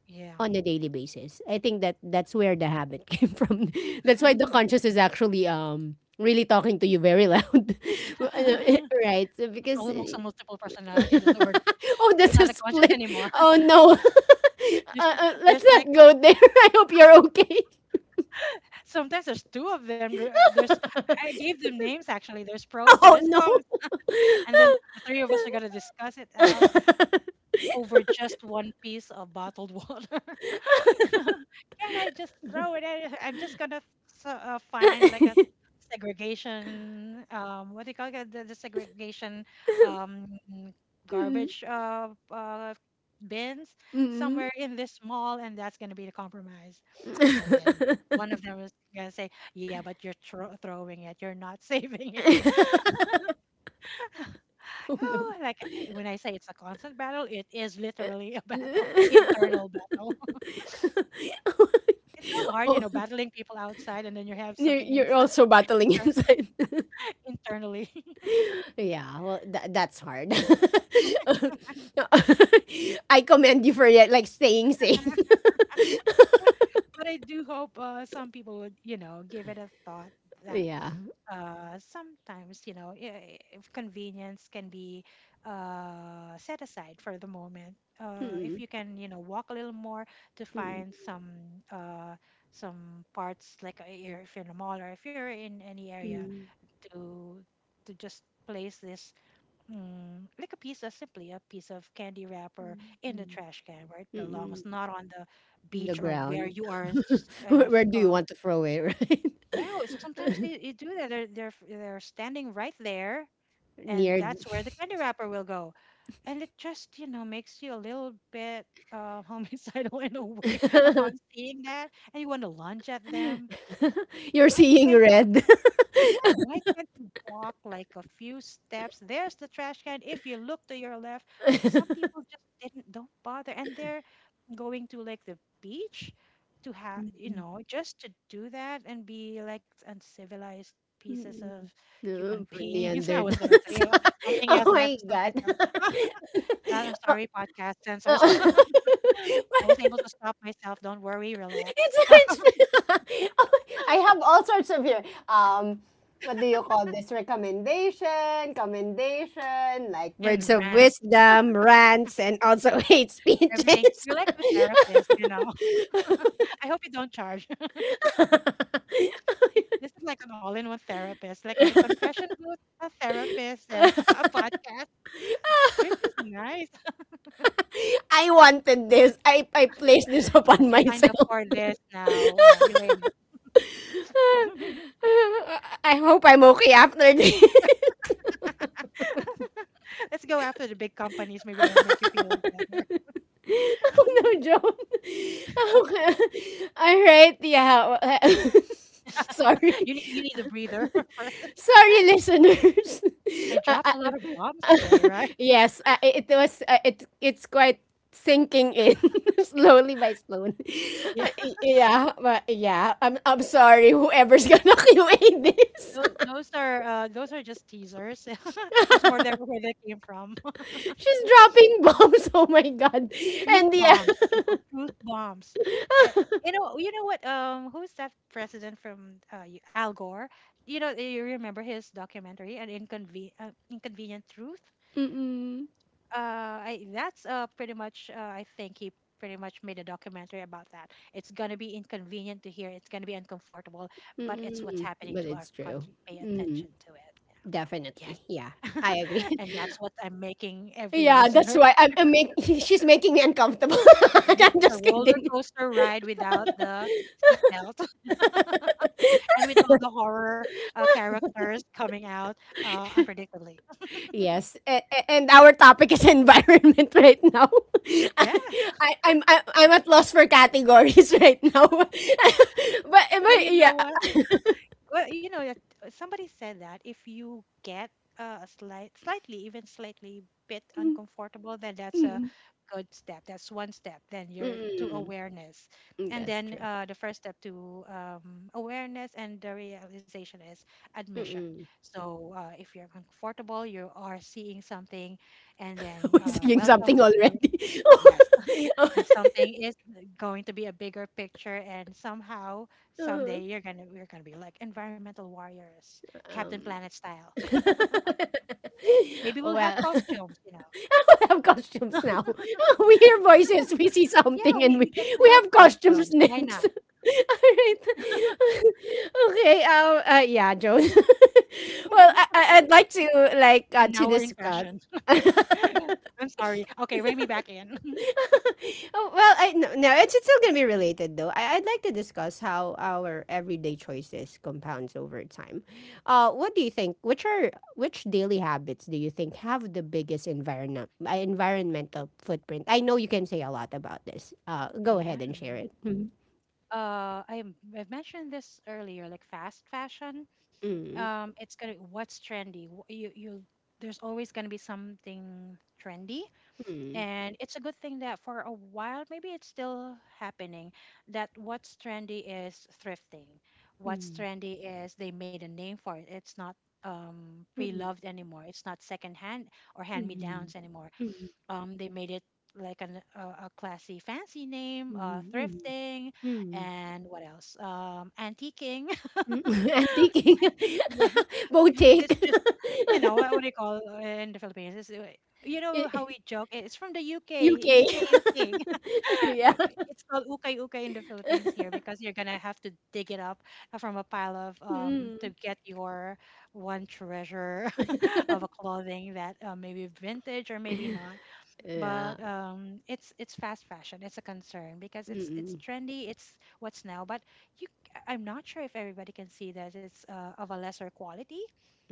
Yeah. on a daily basis. I think that that's where the habit came from. That's why the conscious is actually um really talking to you very loud, right? So It's because almost a multiple personality disorder. oh, It's that's a not a conscious split. anymore. Oh no. There's uh, uh, Let's there's like not go there. I hope you're okay. Sometimes there's two of them. There- There's I gave them names actually. There's pros and Oh there's no. cons, and then the three of us are gonna discuss it out over just one piece of bottled water. Can I just throw it in? I'm just gonna s- uh, find like a s- segregation. Um, what do you call it? The, the segregation um, Mm, garbage uh, uh, bins mm. somewhere in this mall, and that's gonna be the compromise. And then one of them was gonna say, "Yeah, but you're thro- throwing it. You're not saving it." Oh no. Oh, like I- when I say it's a constant battle, it is literally a battle, internal battle. It's so hard, you Oh, know, battling people outside, and then you have you're, something you're inside, also battling inter- inside. internally. Yeah, well, tha that's hard. No, I commend you for, yeah, like staying sane. But I do hope uh, some people would, you know, give it a thought that Yeah. uh, sometimes, you know, i- if convenience can be uh, set aside for the moment, uh, if Mm-mm, you can, you know, walk a little more to mm-mm, find some uh, some parts, like, uh, you're- if you're in a mall or if you're in any area, mm-mm, to to just place this, Mm, like, a piece of, simply a piece of candy wrapper in the mm-mm, trash can where it mm-mm. belongs, not on the The beach or where ground. you are. S- kind where, of. where do you Um, want to throw it, right? Yeah, well, sometimes they, you do that. They're, they're f- they're standing right there, and Near. that's where the candy wrapper will go. And it just, you know makes you a little bit uh, homicidal in a way upon seeing that, and you want to lunge at them. You're Why seeing can't red. Yeah, why can't you walk like a few steps? There's the trash can. If you look to your left, some people just didn't don't bother, and they're going to, like, the beach to have, you know, just to do that, and be, like, uncivilized pieces Mm, of no, human for beings. I was gonna Neanderthals. say uh, something Oh else, and I had my to stop god. myself. I'm sorry, podcast Uh, censors. uh, I was able to stop myself. Don't worry, relax it's such I have all sorts of here. Um, what do you call this? Recommendation, commendation, like words and of rant wisdom, rants, and also hate everything. speeches. You're like the therapist, you know. I hope you don't charge. This is like an all-in-one therapist, like a confession booth, a therapist, and a podcast, which is nice. I wanted this. I, I placed this Yes, upon you signed up myself. for this now, uh, Elaine. I hope I'm okay after this. Let's go after the big companies. Maybe it'll make you feel better. Oh no, Joan. Okay. All right, yeah. w- Sorry. you need you need a breather first. Sorry, listeners. I Uh, dropped uh, a lot of bombs uh, today, right? yes, uh, it it was. Uh, it it's quite sinking in slowly by slowly. Yeah, Uh, y- yeah, but yeah. I'm I'm sorry. Whoever's gonna Q A this, those, those are uh, those are just teasers. There's more there where they came from. she's dropping bombs. Oh my god. Truth And yeah. bombs, people, truth bombs. Uh, you know, you know what? Um, who's that president from, uh, y- Al Gore? You know, you remember his documentary, an inconven- uh, inconvenient truth. Mm-mm. Uh, I, that's uh pretty much. Uh, I think he pretty much made a documentary about that. It's gonna be inconvenient to hear. It's gonna be uncomfortable, but it's what's Mm, happening but to our it's true. country. Pay attention Mm, to it. Yeah. Yes. definitely. Yeah, I agree. And that's what I'm making every Yeah, that's listener. why I'm, I'm make, she's making me uncomfortable. This I'm is a just roller kidding. coaster ride without the seatbelt and with all the horror uh, characters coming out uh, unpredictably. Yes, a- a- and our topic is environment right now. Yeah, I, I'm, I'm I'm at loss for categories right now. but, but but you yeah. know what? Well, you know, that uh, somebody said that if you get uh, a slight, slightly, even slightly bit Mm, uncomfortable, then that's a mm, good step. That's one step. Then you're to mm. awareness, and Yes, then true. uh, the first step to um, awareness and the realization is admission. Mm-mm. So uh, if you're uncomfortable, you are seeing something, and then We're uh, saying something welcome to already. yes, and something is going to be a bigger picture and somehow someday you're gonna we're gonna be like environmental warriors, captain um, planet style. Maybe we'll have well, I costumes, you know would have costumes now. We hear voices, we see yeah, something, and we, we we get to we have have costumes costumes, why not. next. All right. Okay. Um. Uh, yeah, Joe. Well, I, I- I'd like to like uh, And to now we're in discuss. fashion. I'm sorry, okay, rein me back in. Oh, well, I no, no, it's, it's still gonna be related though. I, I'd like to discuss how our everyday choices compounds over time. Uh, what do you think? Which are which daily habits do you think have the biggest environment uh, environmental footprint? I know you can say a lot about this. Uh, go ahead Yeah, and share it. Mm, uh i m- I've mentioned this earlier, like fast fashion. mm, Um, it's gonna, what's trendy. Wh- you you there's always gonna be something trendy. mm, mm, And it's a good thing that for a while, maybe it's still happening, that what's trendy is thrifting. What's trendy is they made a name for it. It's not um, mm, mm, pre-loved anymore. It's not secondhand or hand-me-downs anymore. mm, Um, they made it like an, a, a classy, fancy name, uh, mm, mm, thrifting, mm. and what else? Um, antiquing. I'm thinking, Yeah, bow but it's take. just, you know, what, what do you call uh, in the Philippines? It's, uh, you know how we joke? It's from the U K, U K. U K, U K. Yeah. It's called ukay ukay in the Philippines here because you're gonna have to dig it up uh, from a pile of um to Mm. get your one treasure of a clothing that uh, maybe vintage or maybe not, Yeah. but um, it's it's fast fashion. It's a concern because it's it's Mm, trendy. It's what's now. But you, I- am not sure if everybody can see that it's uh, of a lesser quality.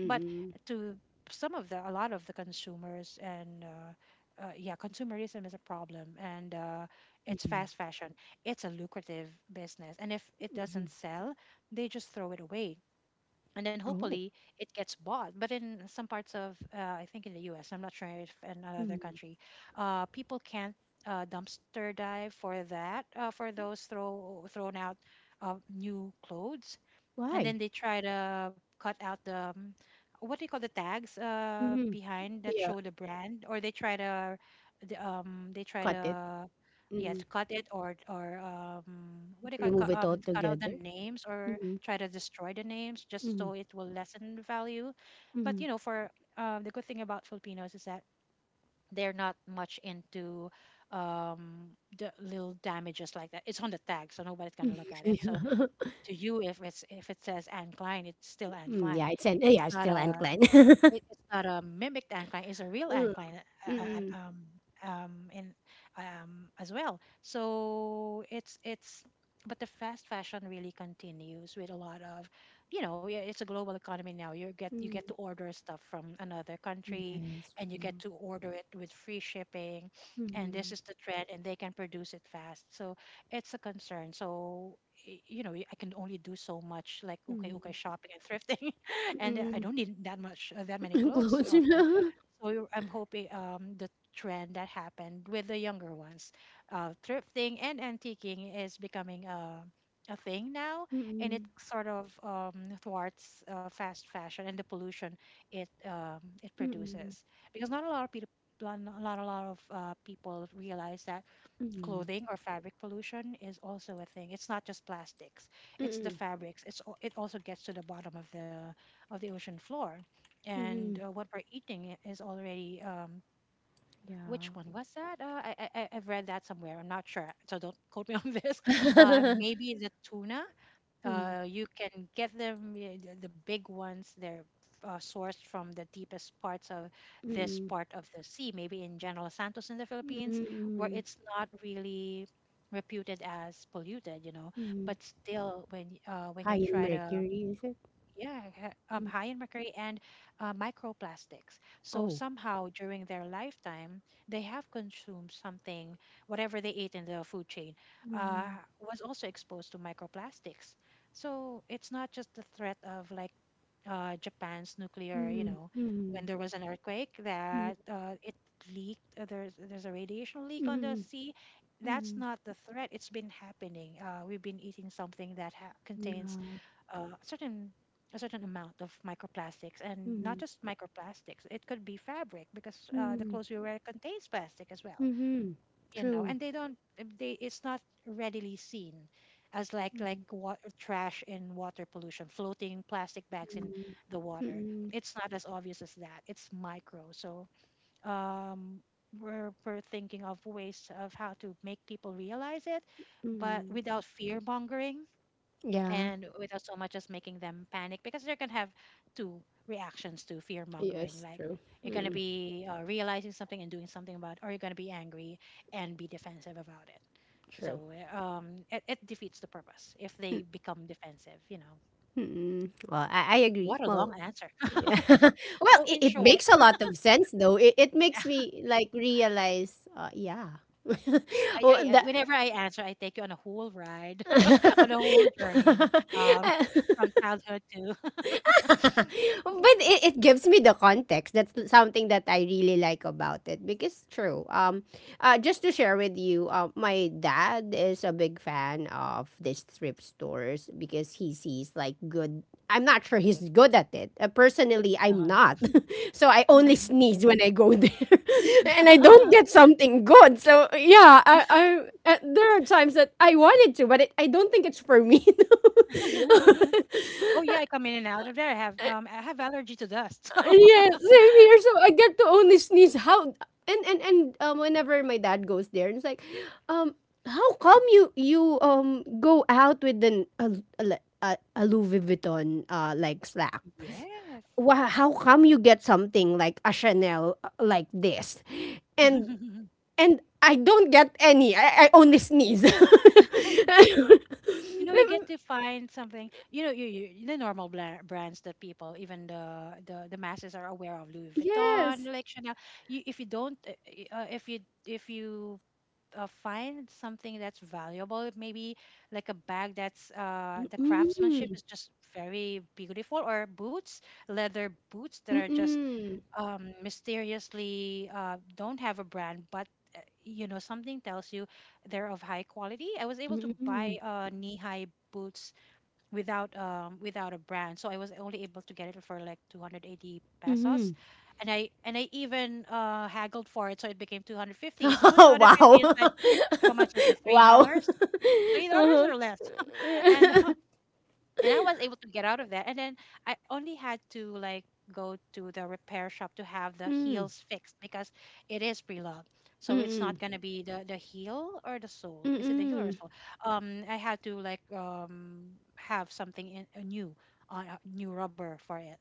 But to some of the a lot of the consumers and uh, uh, yeah, consumerism is a problem, and uh, it's mm, fast fashion. It's a lucrative business, and if it mhm. doesn't sell, they just throw it away and then Oh, hopefully it gets bought. But in some parts of, uh, I think in the U S, I'm not sure if in another mm. country, uh, people can't uh, dumpster dive for that uh, for those throw thrown out uh, new clothes, and Why? then they try to cut out the um, what do you call the tags uh Mhm. behind that Yeah, show the brand, or they try to the, um, they try cut it. to yeah Mm. to cut it or or um, what do you call it, Remove cut, it um, cut out the altogether. names or Mm, try to destroy the names just so mm, it will lessen the value. But you mm. know, for um, the good thing about Filipinos is that they're not much into um, the little damages like that. It's on the tag, so nobody's gonna look at it. So to you, if it's, if it says Anne Klein, it's still Yeah. Anne Mm, Klein. yeah, it's an uh, It's yeah, it's not still a, unclean. it, it's not a mimicked incline; it's a real incline. Uh, Mm, uh, um, um, in um, as well. So it's it's, but the fast fashion really continues with a lot of, you know, yeah, it's a global economy now. You get you mm, get to mm. order stuff from another country, Yes, and you get true. to order it with free shipping, and this Mm, is the trend, and they can produce it fast. So it's a concern. So y- you know, I can only do so much, like okay, okay, mm, shopping and thrifting, and I mm. don't need that much uh, that many clothes Close. also. So I'm hoping um, the trend that happened with the younger ones, uh, thrifting and antiquing is becoming a a thing now, and it Mm, sort of um, thwarts uh, fast fashion and the pollution it um, it mm, produces, because not a lot of people. Not a lot, a lot of uh, people realize that mm, clothing or fabric pollution is also a thing. It's not just plastics; it's the mm, fabrics. It's al- it also gets to the bottom of the of the ocean floor, and mm. uh, what we're eating I- is already. Um, Yeah. which one was that? Uh, I, I I- I've read that somewhere. I'm not sure, so don't quote me on this. Uh, maybe the tuna, Mm, uh, you can get them y- the the big ones, they're uh, sourced from the deepest parts of this mm, part of the sea, maybe in General Santos in the mm, Philippines, where mm. it's not really reputed as polluted, you know. Mhm. But still when y- uh, when you High in try to mercury, is it? yeah, ha- um, Mm. high in mercury and uh, microplastics. So Oh. somehow during their lifetime, they have consumed something, whatever they ate in the food chain, uh, Mm. was also exposed to microplastics. So it's not just the threat of like uh, Japan's nuclear, you Mhm. know, when Mhm. there was an earthquake that uh, it leaked. Uh, there's there's a radiation leak Mhm. on the Mhm. sea. That's Mhm. not the threat. It's been happening. Uh, we've been eating something that ha- contains Yeah. uh, a certain a certain amount of microplastics, and not Mhm. just microplastics. It could be fabric because uh, the Mhm. clothes we wear contains plastic as well. Mhm. You know, True. and they don't. They it's not readily seen as like like Mm. water trash in water pollution, floating plastic bags in Mhm. the water. Mhm. It's not as obvious as that. It's micro. So um, we're we're thinking of ways of how to make people realize it, but Mhm. without fear mongering, Yeah. and without so much as making them panic, because they're going to have two reactions to fear mongering, Yes, like true. you're going to Mm, be uh, realizing something and doing something about it, or you're going to be angry and be defensive about it. true. So uh, um, it, it defeats the purpose if they become defensive, you know. Mm-mm. Well, I, I agree. What a long Well, answer. yeah. Well, So it, in it short, makes a lot of sense though. It, it makes me like realize, uh, yeah. I, well, I I- that whenever I answer, I take you on a whole ride, on a whole journey, um, from childhood to but it, it gives me the context. That's something that I really like about it because true. Um, uh, just to share with you, uh, my dad is a big fan of these thrift stores because he sees like good. I'm not sure he's good at it. Uh, personally, I'm uh-huh. not, so I only sneeze when I go there, and I don't get something good. So yeah, I, I uh, there are times that I wanted to, but, it, I don't think it's for me. Oh yeah, I come in and out of there. I have um, I have allergy to dust. Yeah, same here. So I get to only sneeze. How and and and um, Whenever my dad goes there, and it's like, um, how come you you um go out with an a a, le- a, a Louis Vuitton uh like slack? So yes. Why, how come you get something like a Chanel uh, like this? And and I don't get any. I, I only sneeze. You know, you get to find something, you know, you, you the normal bla- brands that people, even the, the the masses, are aware of: Louis Vuitton, Yes. like Chanel. You, if you don't uh, uh, if you if you uh, find something that's valuable, maybe like a bag that's uh, the craftsmanship Mm. is just very beautiful, or boots, leather boots that are just Mm-mm. um, mysteriously uh, don't have a brand, but uh, you know, something tells you they're of high quality. I was able to Mm-mm. buy uh, knee-high boots without um, without a brand, so I was only able to get it for like two hundred eighty pesos, Mm-mm. and I and I even uh, haggled for it, so it became two hundred fifty. So Oh, two hundred fifty is how wow. much is it? Three Wow. dollars? Three dollars Uh-huh. or less? And uh, and I was able to get out of that. And then I only had to like go to the repair shop to have the Mm. heels fixed because it is pre-loved. So it's Mm-mm. not gonna be the the heel or the sole. Is it the heel or the Mm-mm. sole? Um, I had to like um, have something in, uh, new on uh, new rubber for it.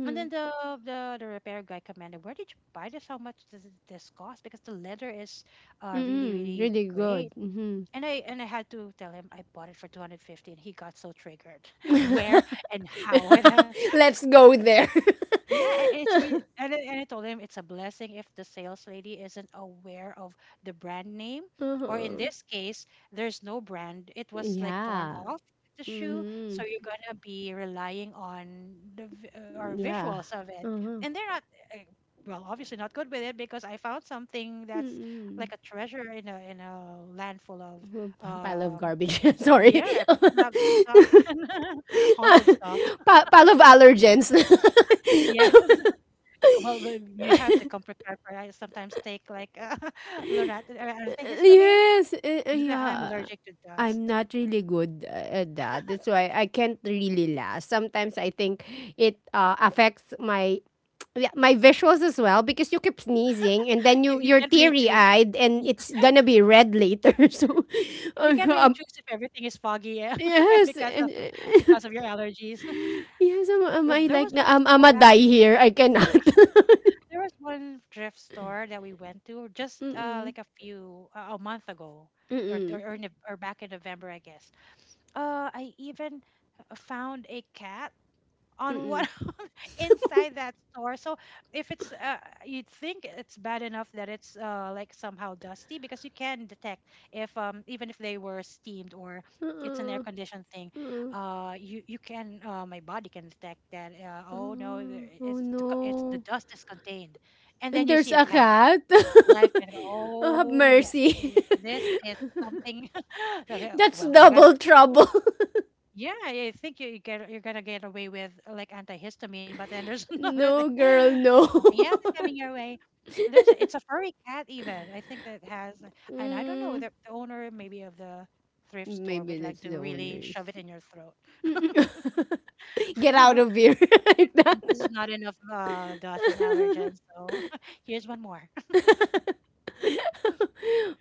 And then the the the repair guy commanded, "Where did you buy this? How much does this cost? Because the leather is uh really Mm-mm. really Really great." good. Mm-hmm. And I and I had to tell him I bought it for two hundred fifty, and he got so triggered. Where and how it ha- Let's go there. yeah, and and it's really, and I, and I told him it's a blessing if the sales lady isn't aware of the brand name, or in Uh-huh. this case, there's no brand. It was like torn Yeah. off the shoe, Mm-hmm. so you're going to be relying on the vi- or Yeah. visuals of it. Uh-huh. And they're not uh, well, obviously not good with it, because I found something that's Mm-mm. like a treasure in a in a land full of P- Pile of um, garbage. Sorry. yeah, pre-loved stuff and haunted stuff. pa- pile of allergens. Yes. Well, but you have to come prepared for it. I sometimes take like uh, lorat or antihistamine Yes, eh, eh, because I'm yeah. allergic to I'm dust. not really good eh, at that. That's why I can't really last. Sometimes I think it uh, affects my yeah, my visuals as well because you keep sneezing and then You you you you're can't really teary choose. eyed and Yeah. it's gonna be red later. So, And you uh, can't really um, choose if everything is foggy, yeah, yes, because of and- because of your allergies. yes. Am, am Well, I there was like na? one Um, store Am I actually. die here? I cannot. There was one thrift store that we went to just uh, Mm-mm. like a few uh, a month ago, or or, Mm-mm. or, in, or back in November, I guess. Uh, I even h- found a cat on one Mm-mm. inside that store. So if it's, uh, you'd think it's bad enough that it's uh, like somehow dusty because you can detect if um, even if they were steamed, or it's an air Uh-uh. conditioned thing, Uh-uh. uh, you you can uh, my body can detect that. Uh, oh no, Uh-uh. the- it's Oh the co- it's the no. dust is contained, and then And you there's see a a cat. cat? Life can go. Oh, have Oh yes, th- mercy. this is something. That's Well, you guys. double trouble. Yeah, I think you you get you're gonna get away with uh, like antihistamine, but then there's another thing. No, girl, no. Something else is coming your way. There's a- it's a furry cat even. I think that has, and I don't know mm, the, the owner maybe of the thrift store Maybe would like that's to the really owners. shove it in your throat. Get out of here. Like This is that. not enough uh, dust and allergens, so here's one more.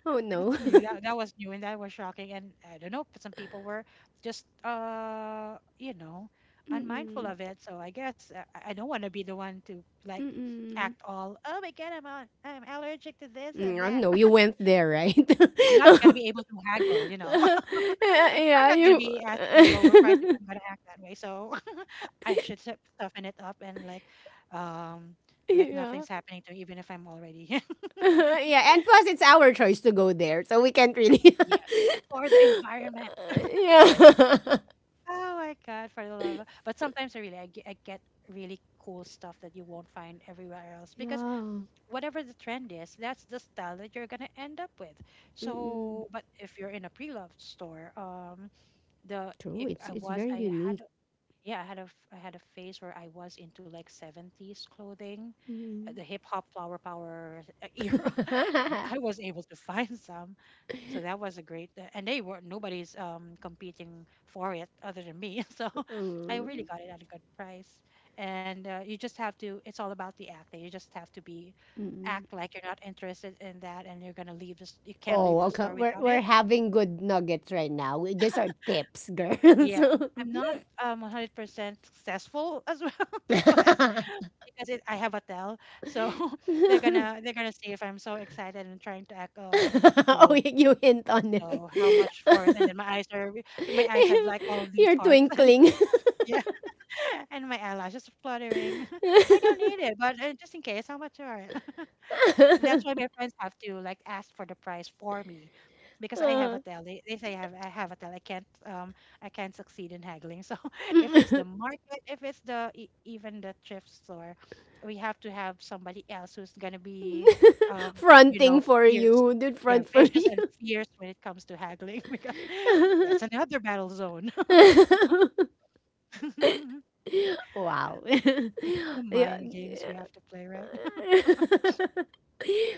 Oh, no. That's new. That that was new and that was shocking. And I don't know, some people were just uh, you know, unmindful Mm-mm. of it. So I guess uh, I, I don't want to be the one to like Mm-mm. act all, oh my God, I'm al- I'm allergic to this Mm, and I don't that. know. You went there, right? I'm not gonna be able to haggle, you know. I'm Yeah, not gonna you. be asking a lower price if I'm gonna act that way. So I should sup- toughen it up and like um like Yeah. nothing's happening to me, even if I'm already Yeah, and plus it's our choice to go there, so we can't really. yes for the environment. Yeah. Oh my God, for the love. of- But sometimes I really, I get, I get really cool stuff that you won't find everywhere else because Yeah. whatever the trend is, that's the style that you're gonna end up with. Mm-mm. So, but if you're in a pre-loved store, um, the True. it, It's I it's was, very I had, unique. yeah, I had a, f- I had a phase where I was into like seventies clothing uh, Mm. the hip hop flower power era, and I was able to find some. So that was a great, uh, and they were nobody's um competing for it other than me. So I really Mm. got it at a good price, and uh, you just have to. It's all about the act. That You just have to be act like you're not interested in that, and you're gonna leave this. You can not leave Oh, the okay. store We're without we're it. having good nuggets right now. We- These are tips, girls. Yeah, I'm not um one hundred percent successful as well. but. Because it, I have a tell. So they're gonna they're gonna see if I'm so excited and trying to act um Oh, cool. you you hint on it. So how much for it? And then my eyes are my eyes have like all these You're hearts and twinkling. yeah, and my eyelashes fluttering. I don't need it, but uh, just in case, how much are it? that's why my friends have to like ask for the price for me because I have a tell. They, they say I have I have a tell. I can't um I can't succeed in haggling. So if it's the market, if it's the e- even the thrift store, we have to have somebody else who's gonna be um you know Fronting for fierce. you, dude. Yeah, Front for vicious you. and fierce when it comes to haggling because that's another battle zone. Wow. the Yeah. mind games we have to play, right?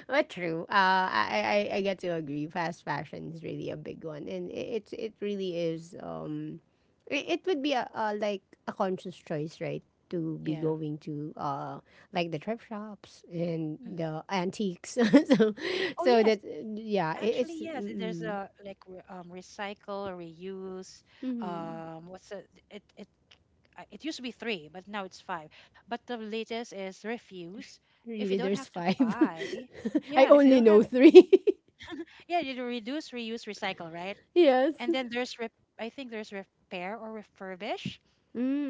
But true. Uh, I, I I get to agree. Fast fashion is really a big one, and it, it's it really is. Um, it, it would be a, a like a conscious choice, right? To be Yeah. going to uh like the thrift shops and Mhm. the antiques. so Oh so yes, that yeah, it, Actually, it's yes. it- There's mm, a like re- um, recycle, reuse. mm, Um, what's it? It it uh, it used to be three, but now it's five. But the latest is refuse. If you really don't there's have to five. buy, I yeah. If you only don't have, know three. yeah, you do reduce, reuse, recycle, right? Yes. And then there's rep- I think there's repair or refurbish.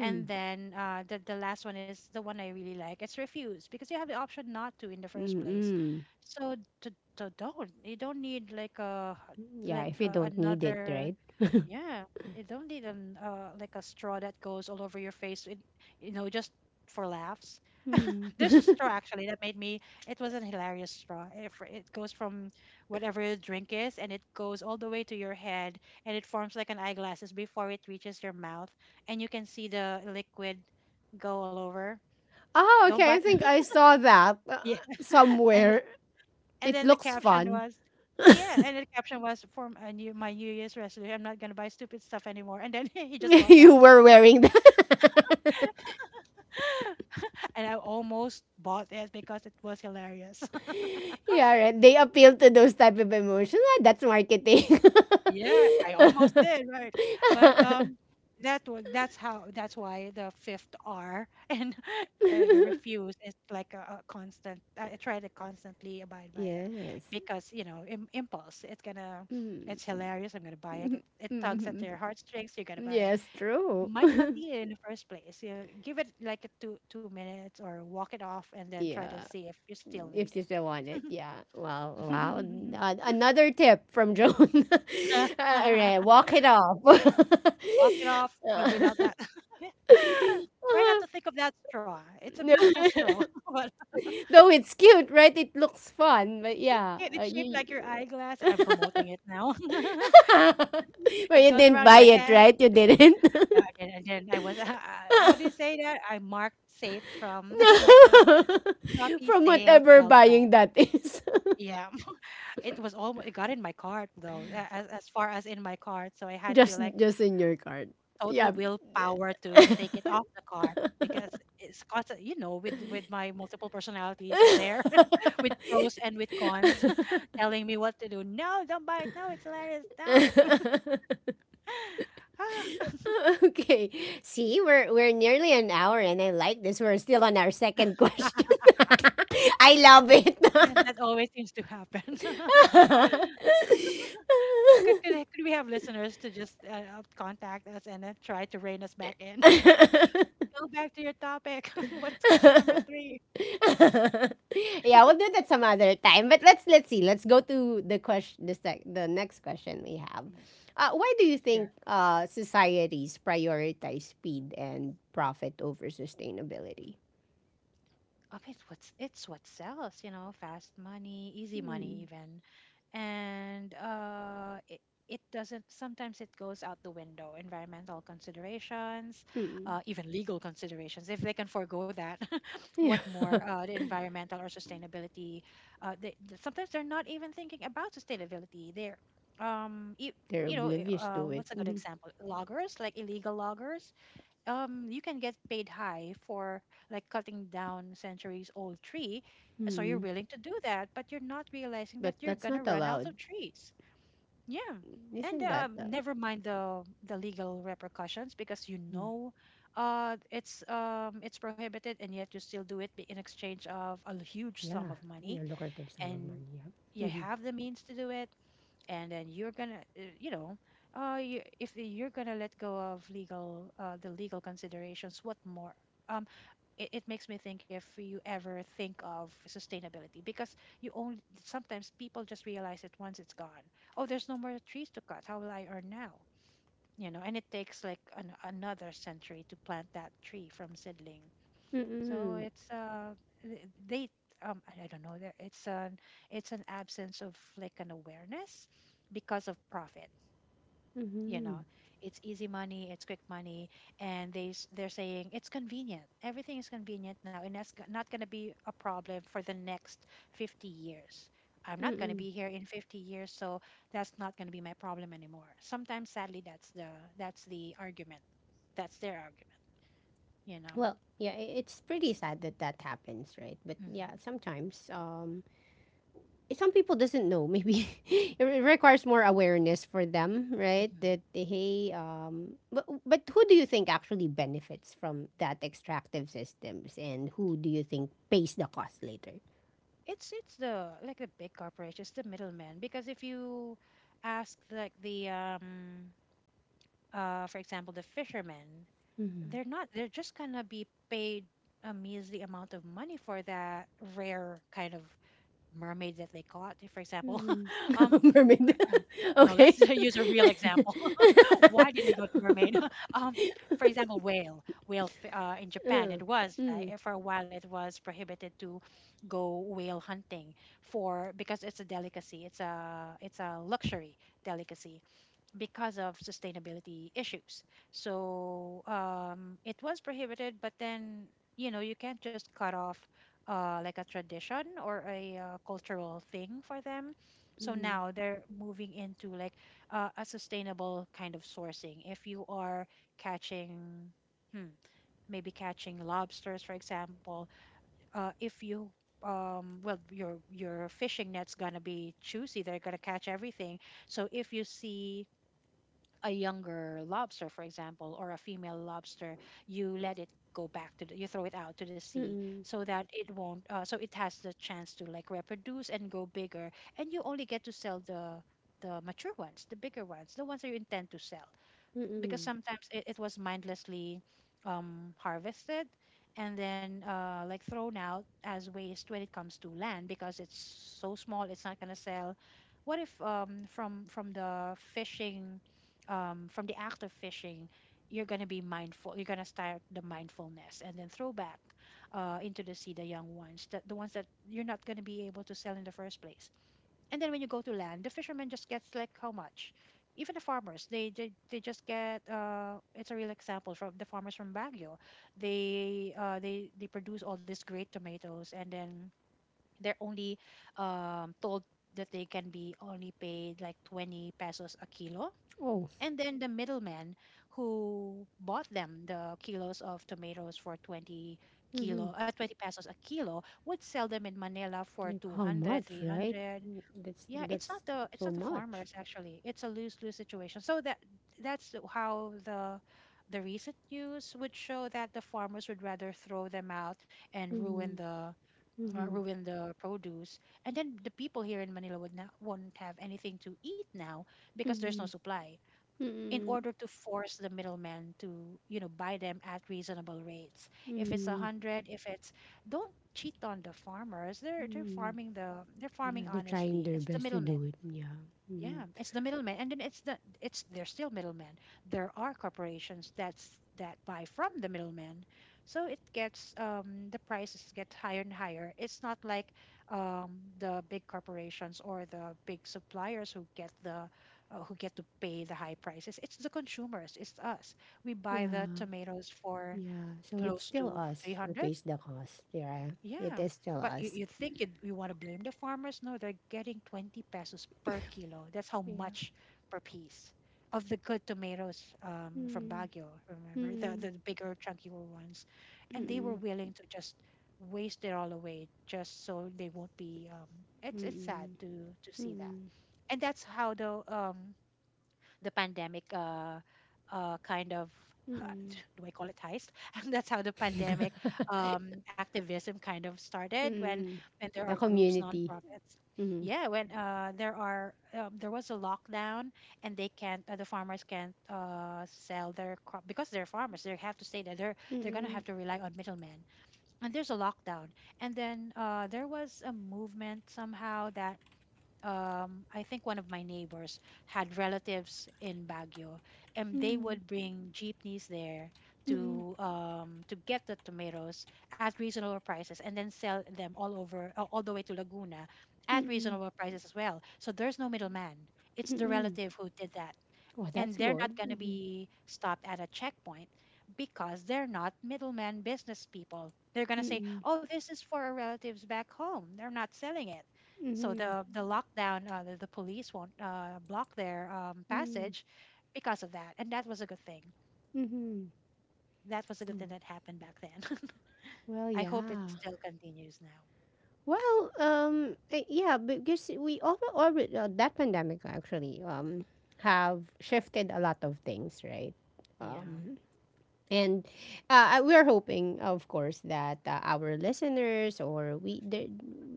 And then uh, the, the last one is the one I really like. It's refuse because you have the option not to in the first mm, place. mm. So d d- don't. You don't need like a Yeah, like if you uh, don't need it, another right? yeah. You don't need an uh, like a straw that goes all over your face. It, you know just for laughs. Mm-hmm. There's a straw actually that made me. It was an hilarious straw. It, fr- it goes from whatever your drink is, and it goes all the way to your head, and it forms like an eyeglasses before it reaches your mouth, and you can see the liquid go all over. Oh, Don't buy. okay. I think I saw that uh, Yeah. And th- somewhere. and It then the looks caption fun. was, yeah, and the caption was for my new my New Year's resolution. I'm not gonna buy stupid stuff anymore. And then he just bought You that, were wearing that. and I almost bought it because it was hilarious. Yeah, right. They appeal to those type of emotions. Ah, that's marketing. Yeah, I almost did, right? But um that was that's how that's why the fifth R and uh, the refuse is like a, a constant. I I try to constantly abide by it Yes. because you know Im- impulse. It's gonna, Mm. it's hilarious. I'm gonna buy it. It it tugs at Hmm. their heartstrings. You gotta buy it. Yes, You true. might not need it in the first place. You know, give it like a two two minutes or walk it off and then try to Yeah, see if you still need if you still want it. Yeah. Well, wow. Uh, it. another tip from Joan. All right, walk it off. Walk it off uh, without that. Try not to think of that straw. It's a beautiful straw, but Though it's cute, right? It looks fun, but it's yeah, good. uh, It's shaped you, like your eyeglass. I'm promoting it now. but it you goes didn't around buy your it, head. right? You didn't. Yeah, and, and then I was, uh, what do you say that? I marked safe from like the No, Shopee from sale whatever twelve twelve. buying that is, Yeah, it was all it got in my cart though, a- as, as far as in my cart. So I had to just like just in your card. total Yeah. willpower to take it off the cart because it's constant, you know, with with my multiple personalities up there, with pros and with cons, telling me what to do. No, don't buy it. No, it's hilarious. No. Ah. Okay. See, we're we're nearly an hour, and I like this. We're still on our second question. I love it. that, that always seems to happen. could, could could we have listeners to just uh, uh, contact us and uh, try to rein us back in? Go back to your topic. What's question number three? Yeah, we'll do that some other time. But let's let's see. Let's go to the question. The sec- the next question we have. Uh, why do you think Yeah. uh, societies prioritize speed and profit over sustainability? of it's what's it's what sells you know fast money easy money Hmm. even and uh it, it doesn't, sometimes it goes out the window environmental considerations, Mm. uh, even legal considerations if they can forego that. What Yeah, more uh, the environmental or sustainability, uh, they, th- sometimes they're not even thinking about sustainability. They're um you, they're you know i- oblivious uh, to it. what's a good Mhm. example, loggers, like illegal loggers. Um you can get paid high for like cutting down centuries old tree, so you're Hmm. willing to do that, but you're not realizing that But you're that's gonna not run out allowed. of trees, yeah. And Isn't that? um, Uh, never mind the the legal repercussions because you mm, know uh it's um it's prohibited, and yet you still do it be- in exchange of a huge sum yeah, of money. yeah, lucrative sum of And money. Yeah. you Mm-hmm. have the means to do it, and then you're gonna uh, you know uh you, if you're gonna let go of legal, uh the legal considerations, what more, um it, it makes me think if you ever think of sustainability, because you only sometimes people just realize it once it's gone. Oh, there's no more trees to cut. How will I earn now? You know and it takes like an, another century to plant that tree from seedling. so Mm-hmm. it's uh th- they um I I don't know there it's an, it's an absence of like an awareness because of profit. You Mm-hmm. know, it's easy money, it's quick money, and they s- they're saying it's convenient. Everything is convenient now, and that's g- not going to be a problem for the next fifty years. I'm not going to Mm-hmm. be here in fifty years, so that's not going to be my problem anymore. Sometimes, sadly, that's the that's the argument. That's their argument. You know. Well, yeah, I- it's pretty sad that that happens, right? But yeah, hmm sometimes um eh, some people doesn't know. Maybe it re- requires more awareness for them, right? hmm That eh, hey, um but, but who do you think actually benefits from that extractive systems and who do you think pays the cost later? It's it's the like the big corporations, the middlemen. Because if you ask like the um uh for example the fishermen, Mm-hmm. they're not, they're just gonna be paid a measly amount of money for that rare kind of mermaid that they caught. If, For example, um Mermaid. no, let's Okay. use a real example. Why did I go to mermaid? um, for example, whale. Whale f- uh, in Japan, Uh, it was like mm, uh, for a while it was prohibited to go whale hunting for because it's a delicacy. It's a it's a luxury delicacy because of sustainability issues. So um, it was prohibited, but then you know you can't just cut off uh, like a tradition or a uh, cultural thing for them. So mm, now they're moving into like uh, a sustainable kind of sourcing. If you are catching, hmm, maybe catching lobsters, for example, uh, if you um well your your fishing net's gonna be choosy. They're gonna catch everything, so if you see a younger lobster, for example, or a female lobster, you let it go back to the, you throw it out to the sea, mm, so that it won't, uh, so it has the chance to like reproduce and go bigger. And you only get to sell the the mature ones, the bigger ones, the ones that you intend to sell mm, because mm. sometimes it, it was mindlessly um, harvested and then uh, like thrown out as waste when it comes to land because it's so small it's not going to sell. What if um, from from the fishing um, from the act of fishing you're going to be mindful, you're going to start the mindfulness and then throw back uh, into the sea the young ones, that the ones that you're not going to be able to sell in the first place? And then when you go to land, the fisherman just gets like how much? Even the farmers, they they, they just get, uh it's a real example from the farmers from Baguio. They uh they they produce all these great tomatoes, and then they're only um told that they can be only paid like twenty pesos a kilo. Oh. And then the middleman who bought them the kilos of tomatoes for twenty kilo uh, twenty pesos a kilo would sell them in Manila for Like two how hundred three much, right? hundred. Mm, That's Yeah, it's not that's the it's so not the much. farmers, actually. It's a lose-lose situation. So that that's how the the recent news would show that the farmers would rather throw them out and ruin Mm-hmm. the uh, Mm-hmm. ruin the produce, and then the people here in Manila would not won't have anything to eat now because there's no Mm-hmm. supply. In Mm-hmm. order to force the middleman to, you know, buy them at reasonable rates, if it's a Mm-hmm. hundred, if it's don't cheat on the farmers. They're they're Mm-hmm. farming the they're Yeah, farming they're trying honestly. their It's the best to middlemen. do it. Yeah. Yeah, Mm-hmm. it's the middleman, and then it's the it's they're still middlemen. There are corporations that's that buy from the middlemen, so it gets um the prices get higher and higher. It's not like um the big corporations or the big suppliers who get the uh, who get to pay the high prices. It's the consumers. It's us. We buy the Yeah. tomatoes for Yeah. So it's close still to us who three hundred. pays the cost. Yeah. It Yeah, is still but you, us. you think it, you want to blame the farmers? No, they're getting twenty pesos per kilo. That's how Yeah. much per piece of the good tomatoes, um, from Mm-hmm. Baguio, remember? The, Mm-hmm. the bigger, chunkier ones. And they were Mm-hmm. willing to just waste it all away just so they won't be um, it's it's sad Mm-hmm. to to see that. Mm-hmm. And that's how the um the pandemic uh, uh, kind of, Mm-hmm. do I call it heist? And that's how the pandemic um, activism kind of started when Mm-hmm. when there are The groups, community. nonprofits. Mm-hmm. Yeah, when uh, there are um, there was a lockdown and they can't, uh, the farmers can't uh, sell their crop because they're farmers. They have to stay there. They're they're gonna Mm-hmm. have to rely on middlemen. And there's a lockdown. And then uh, there was a movement somehow that, um, I think one of my neighbors had relatives in Baguio, and they Mm-hmm. would bring jeepneys there Mm-hmm. to, um, to get the tomatoes at reasonable prices, and then sell them all over, uh, all the way to Laguna at Mm-hmm. reasonable prices as well. So there's no middleman. It's the Mm-hmm. relative who did that, Oh, and that's they're not good. going to Mhm. be stopped at a checkpoint because they're not middleman business people. They're going to say, Mhm. "Oh, this is for our relatives back home. They're not selling it." So Mhm. the the lockdown, uh, the, the police won't uh, block their um, Mhm. passage because of that, and that was a good thing. Mhm. That was a good thing that happened back then. Well, I hope it yeah. still continues now. Well, um, uh, yeah, because we over already uh, that pandemic actually um have shifted a lot of things, right? Yeah, Um, And uh, we're hoping, of course, that uh, our listeners or we there,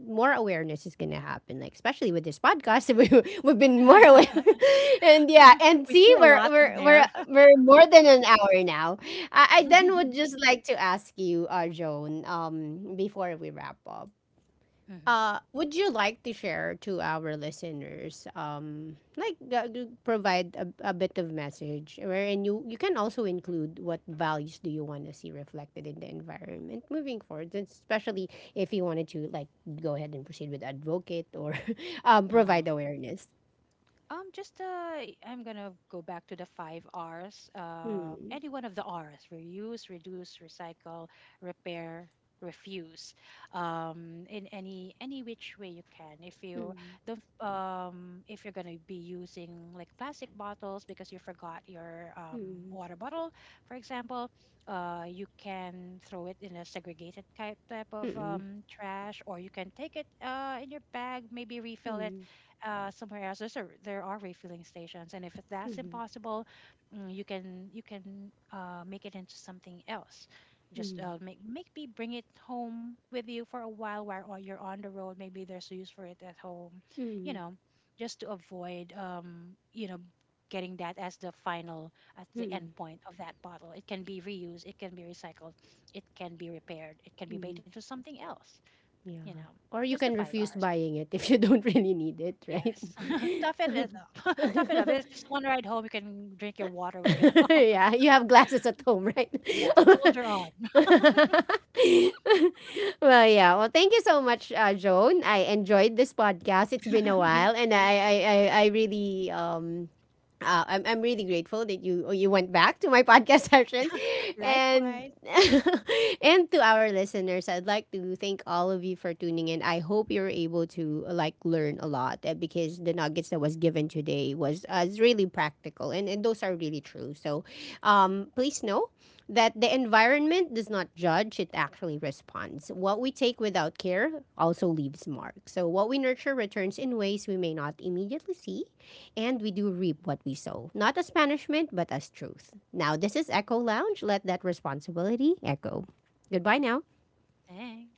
more awareness is gonna happen. Like especially with this podcast, we we've been more aware. And yeah, and we see, threw a we're lot in we're we're there. we're more than an hour now. I, I then would just like to ask you, uh, Joan, um, before we wrap up, uh, would you like to share to our listeners, um, like uh, to provide a, a bit of message, wherein you you can also include what values do you want to see reflected in the environment moving forward, and especially if you wanted to like go ahead and proceed with advocate or um, provide hmm awareness. Um, just uh, I'm gonna go back to the five Rs. Uh, Mm, any one of the R's: reuse, reduce, recycle, repair, refuse. Um, in any any which way you can. If you mm, don't, um, if you're gonna be using like plastic bottles because you forgot your um, mm, water bottle, for example, uh, you can throw it in a segregated type type of mm, um, trash, or you can take it, uh, in your bag, maybe mm, refill it mm, uh, somewhere else. There's a, there are refilling stations, and if that's mm, impossible, mm, you can, you can uh, make it into something else. Just mm, uh, make, maybe bring it home with you for a while while on- you're on the road. Maybe there's a use for it at home, you mm, know, just to avoid, um, you know getting that as the final, at the end mm, point of that bottle. It can be reused, it can be recycled, it can be repaired, it can be made mm, into something else. You Yeah. know, Or you just the can five refuse R's. buying it if you don't really need it, right? Yes. Tough it up. Tough it up. It's just one ride home. You can drink your water when you get home. Yeah, you have glasses at home, right? Yes. Soldier on. Well, yeah. Well, thank you so much, uh, Joan. I enjoyed this podcast. It's been a Me while, and too. I, I, I, I really um uh, I'm, I'm really grateful that you you went back to my podcast session and Likewise. and to our listeners I'd like to thank all of you for tuning in. I hope you are able to uh, like learn a lot uh, because the nuggets that was given today was uh, is really practical, and, and those are really true. So um, please know that the environment does not judge, it actually responds. What we take without care also leaves marks. So what we nurture returns in ways we may not immediately see, and we do reap what we sow, not as punishment, but as truth. Now, this is Echo Lounge. Let that responsibility echo. Goodbye now. Thanks.